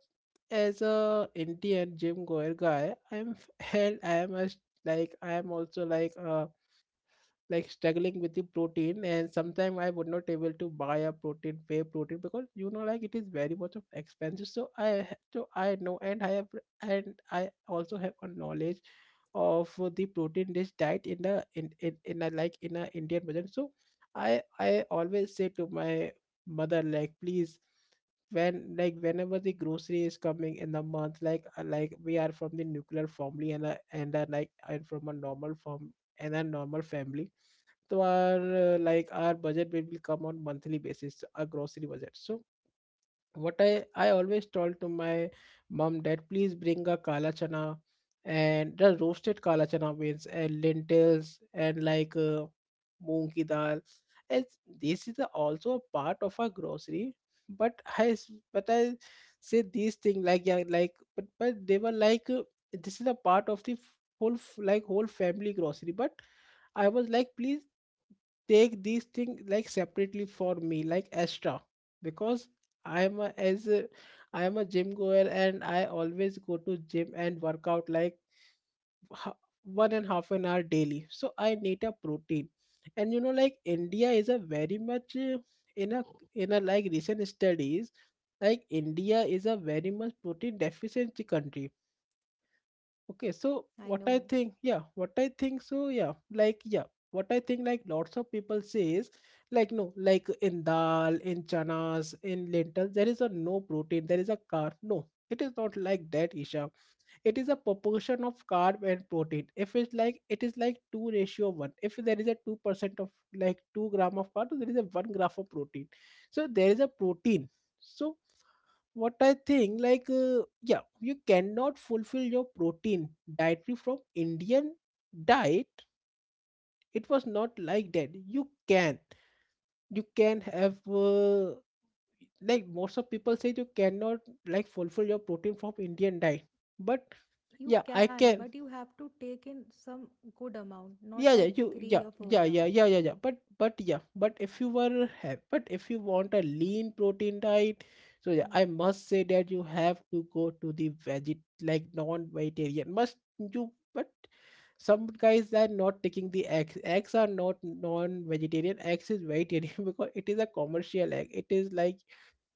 Speaker 1: as a indian gym goer guy I'm and I am a, like I am also like a like struggling with the protein, and sometimes I would not able to buy a protein whey protein because, you know, like it is very much of expensive, so so I know and I have, and I also have a knowledge of the protein rich diet in the in a like in a indian version. So I always say to my mother, like, please, when, like whenever the grocery is coming in the month, like we are from the nuclear family, like and from a normal form and a normal family, to our like our budget will come on monthly basis, our grocery budget. So what I always told to my mom that, please bring a kala chana and the roasted kala chana beans and lentils and moong ki dal. As this is the also a part of our grocery, but i s- but I say these things, like yeah, like but they were this is a part of the like whole family grocery. But I was like, please take these things like separately for me, like extra, because i am a, as a, I am a gym goer and I always go to gym and work out like ha- one and half an hour daily. So I need a protein. And you know, like india is a very much in a like recent studies, like india is a very much protein deficient country. Okay, so
Speaker 2: I
Speaker 1: what
Speaker 2: know.
Speaker 1: I think, yeah, what I think, so yeah, like yeah, what I think, like lots of people say is, like no, like in dal, in chanas, in lentils, there is a no protein, there is a carb. No, it is not like that, Isha. It is a proportion of carb and protein. If it's like it is like two ratio one. If there is a 2% of like 2 gram of carb, there is a 1 gram of protein. So there is a protein. So what I think, yeah, you cannot fulfill your protein dietary from Indian diet. It was not like that. You can have, like, most of people say you cannot like fulfill your protein from Indian diet, but
Speaker 2: You
Speaker 1: yeah, I
Speaker 2: can,
Speaker 1: can.
Speaker 2: but you have to take in some good amount, not like
Speaker 1: Yeah you
Speaker 2: three
Speaker 1: yeah
Speaker 2: or four
Speaker 1: yeah yeah
Speaker 2: gram.
Speaker 1: yeah yeah yeah but yeah, but if you were have but if you want a lean protein diet, so yeah, I
Speaker 2: Mm.
Speaker 1: must say that you have to go to the veget, like non-vegetarian must you. But some guys are not taking the eggs. Eggs are not non-vegetarian, eggs is vegetarian because it is a commercial egg. It is like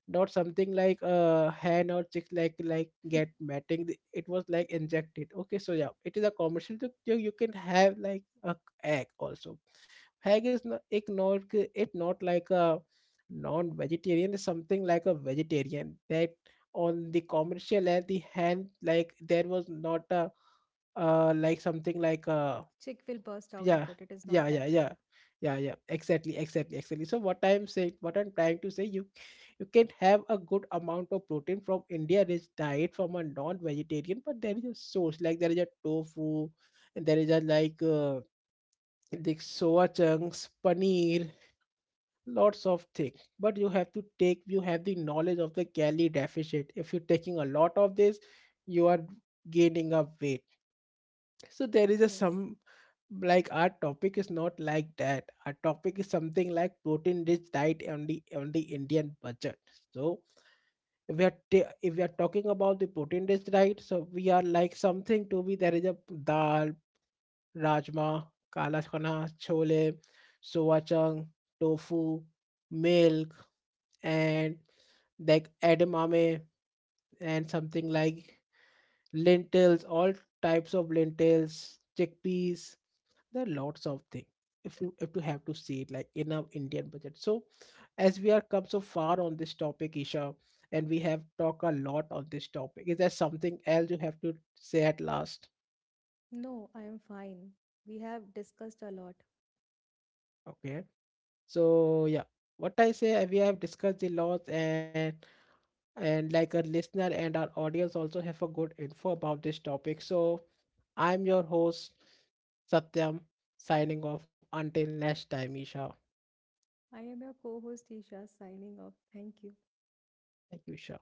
Speaker 1: not something like hen or chicks like get mating. It was like injected, okay? So yeah, it is a commercial. So you can have like a egg also. Egg is not it not it not like a non-vegetarian, is something like a vegetarian, that on the commercial and the hand, like there was not a like something like a
Speaker 2: Chick will burst out of
Speaker 1: yeah
Speaker 2: it. It is not
Speaker 1: yeah
Speaker 2: like
Speaker 1: yeah yeah
Speaker 2: that.
Speaker 1: yeah, exactly, exactly, exactly. So what I'm saying, what I'm trying to say, you can have a good amount of protein from india rich diet from a non-vegetarian. But there is a source, like there is a tofu and there is a the soya chunks, paneer, lots of things. But you have to take, you have the knowledge of the calorie deficit. If you're taking a lot of this, you are gaining up weight. So there is a
Speaker 2: Yes.
Speaker 1: some, like, our topic is not like that. Our topic is something like protein rich diet on the Indian budget. So if we are talking about the protein rich diet, so we are like something to be there is a dal, rajma, kala chana, chole, soya chunk, tofu, milk, and like edamame, and something like lentils, all types of lentils, chickpeas, there are lots of things. If you if you have to see it like in our indian budget. So as we are come so far on this topic, Isha, and we have talked a lot on this topic, is there something else you have to say at last?
Speaker 2: No, I am fine. We have discussed a lot.
Speaker 1: Okay, so yeah, what I say, we have discussed the laws, and like a listener and our audience also have a good info about this topic. So I'm your host, Satyam, signing off until next time, Isha.
Speaker 2: I am your co host, Isha, signing off. Thank you.
Speaker 1: Thank you, Isha.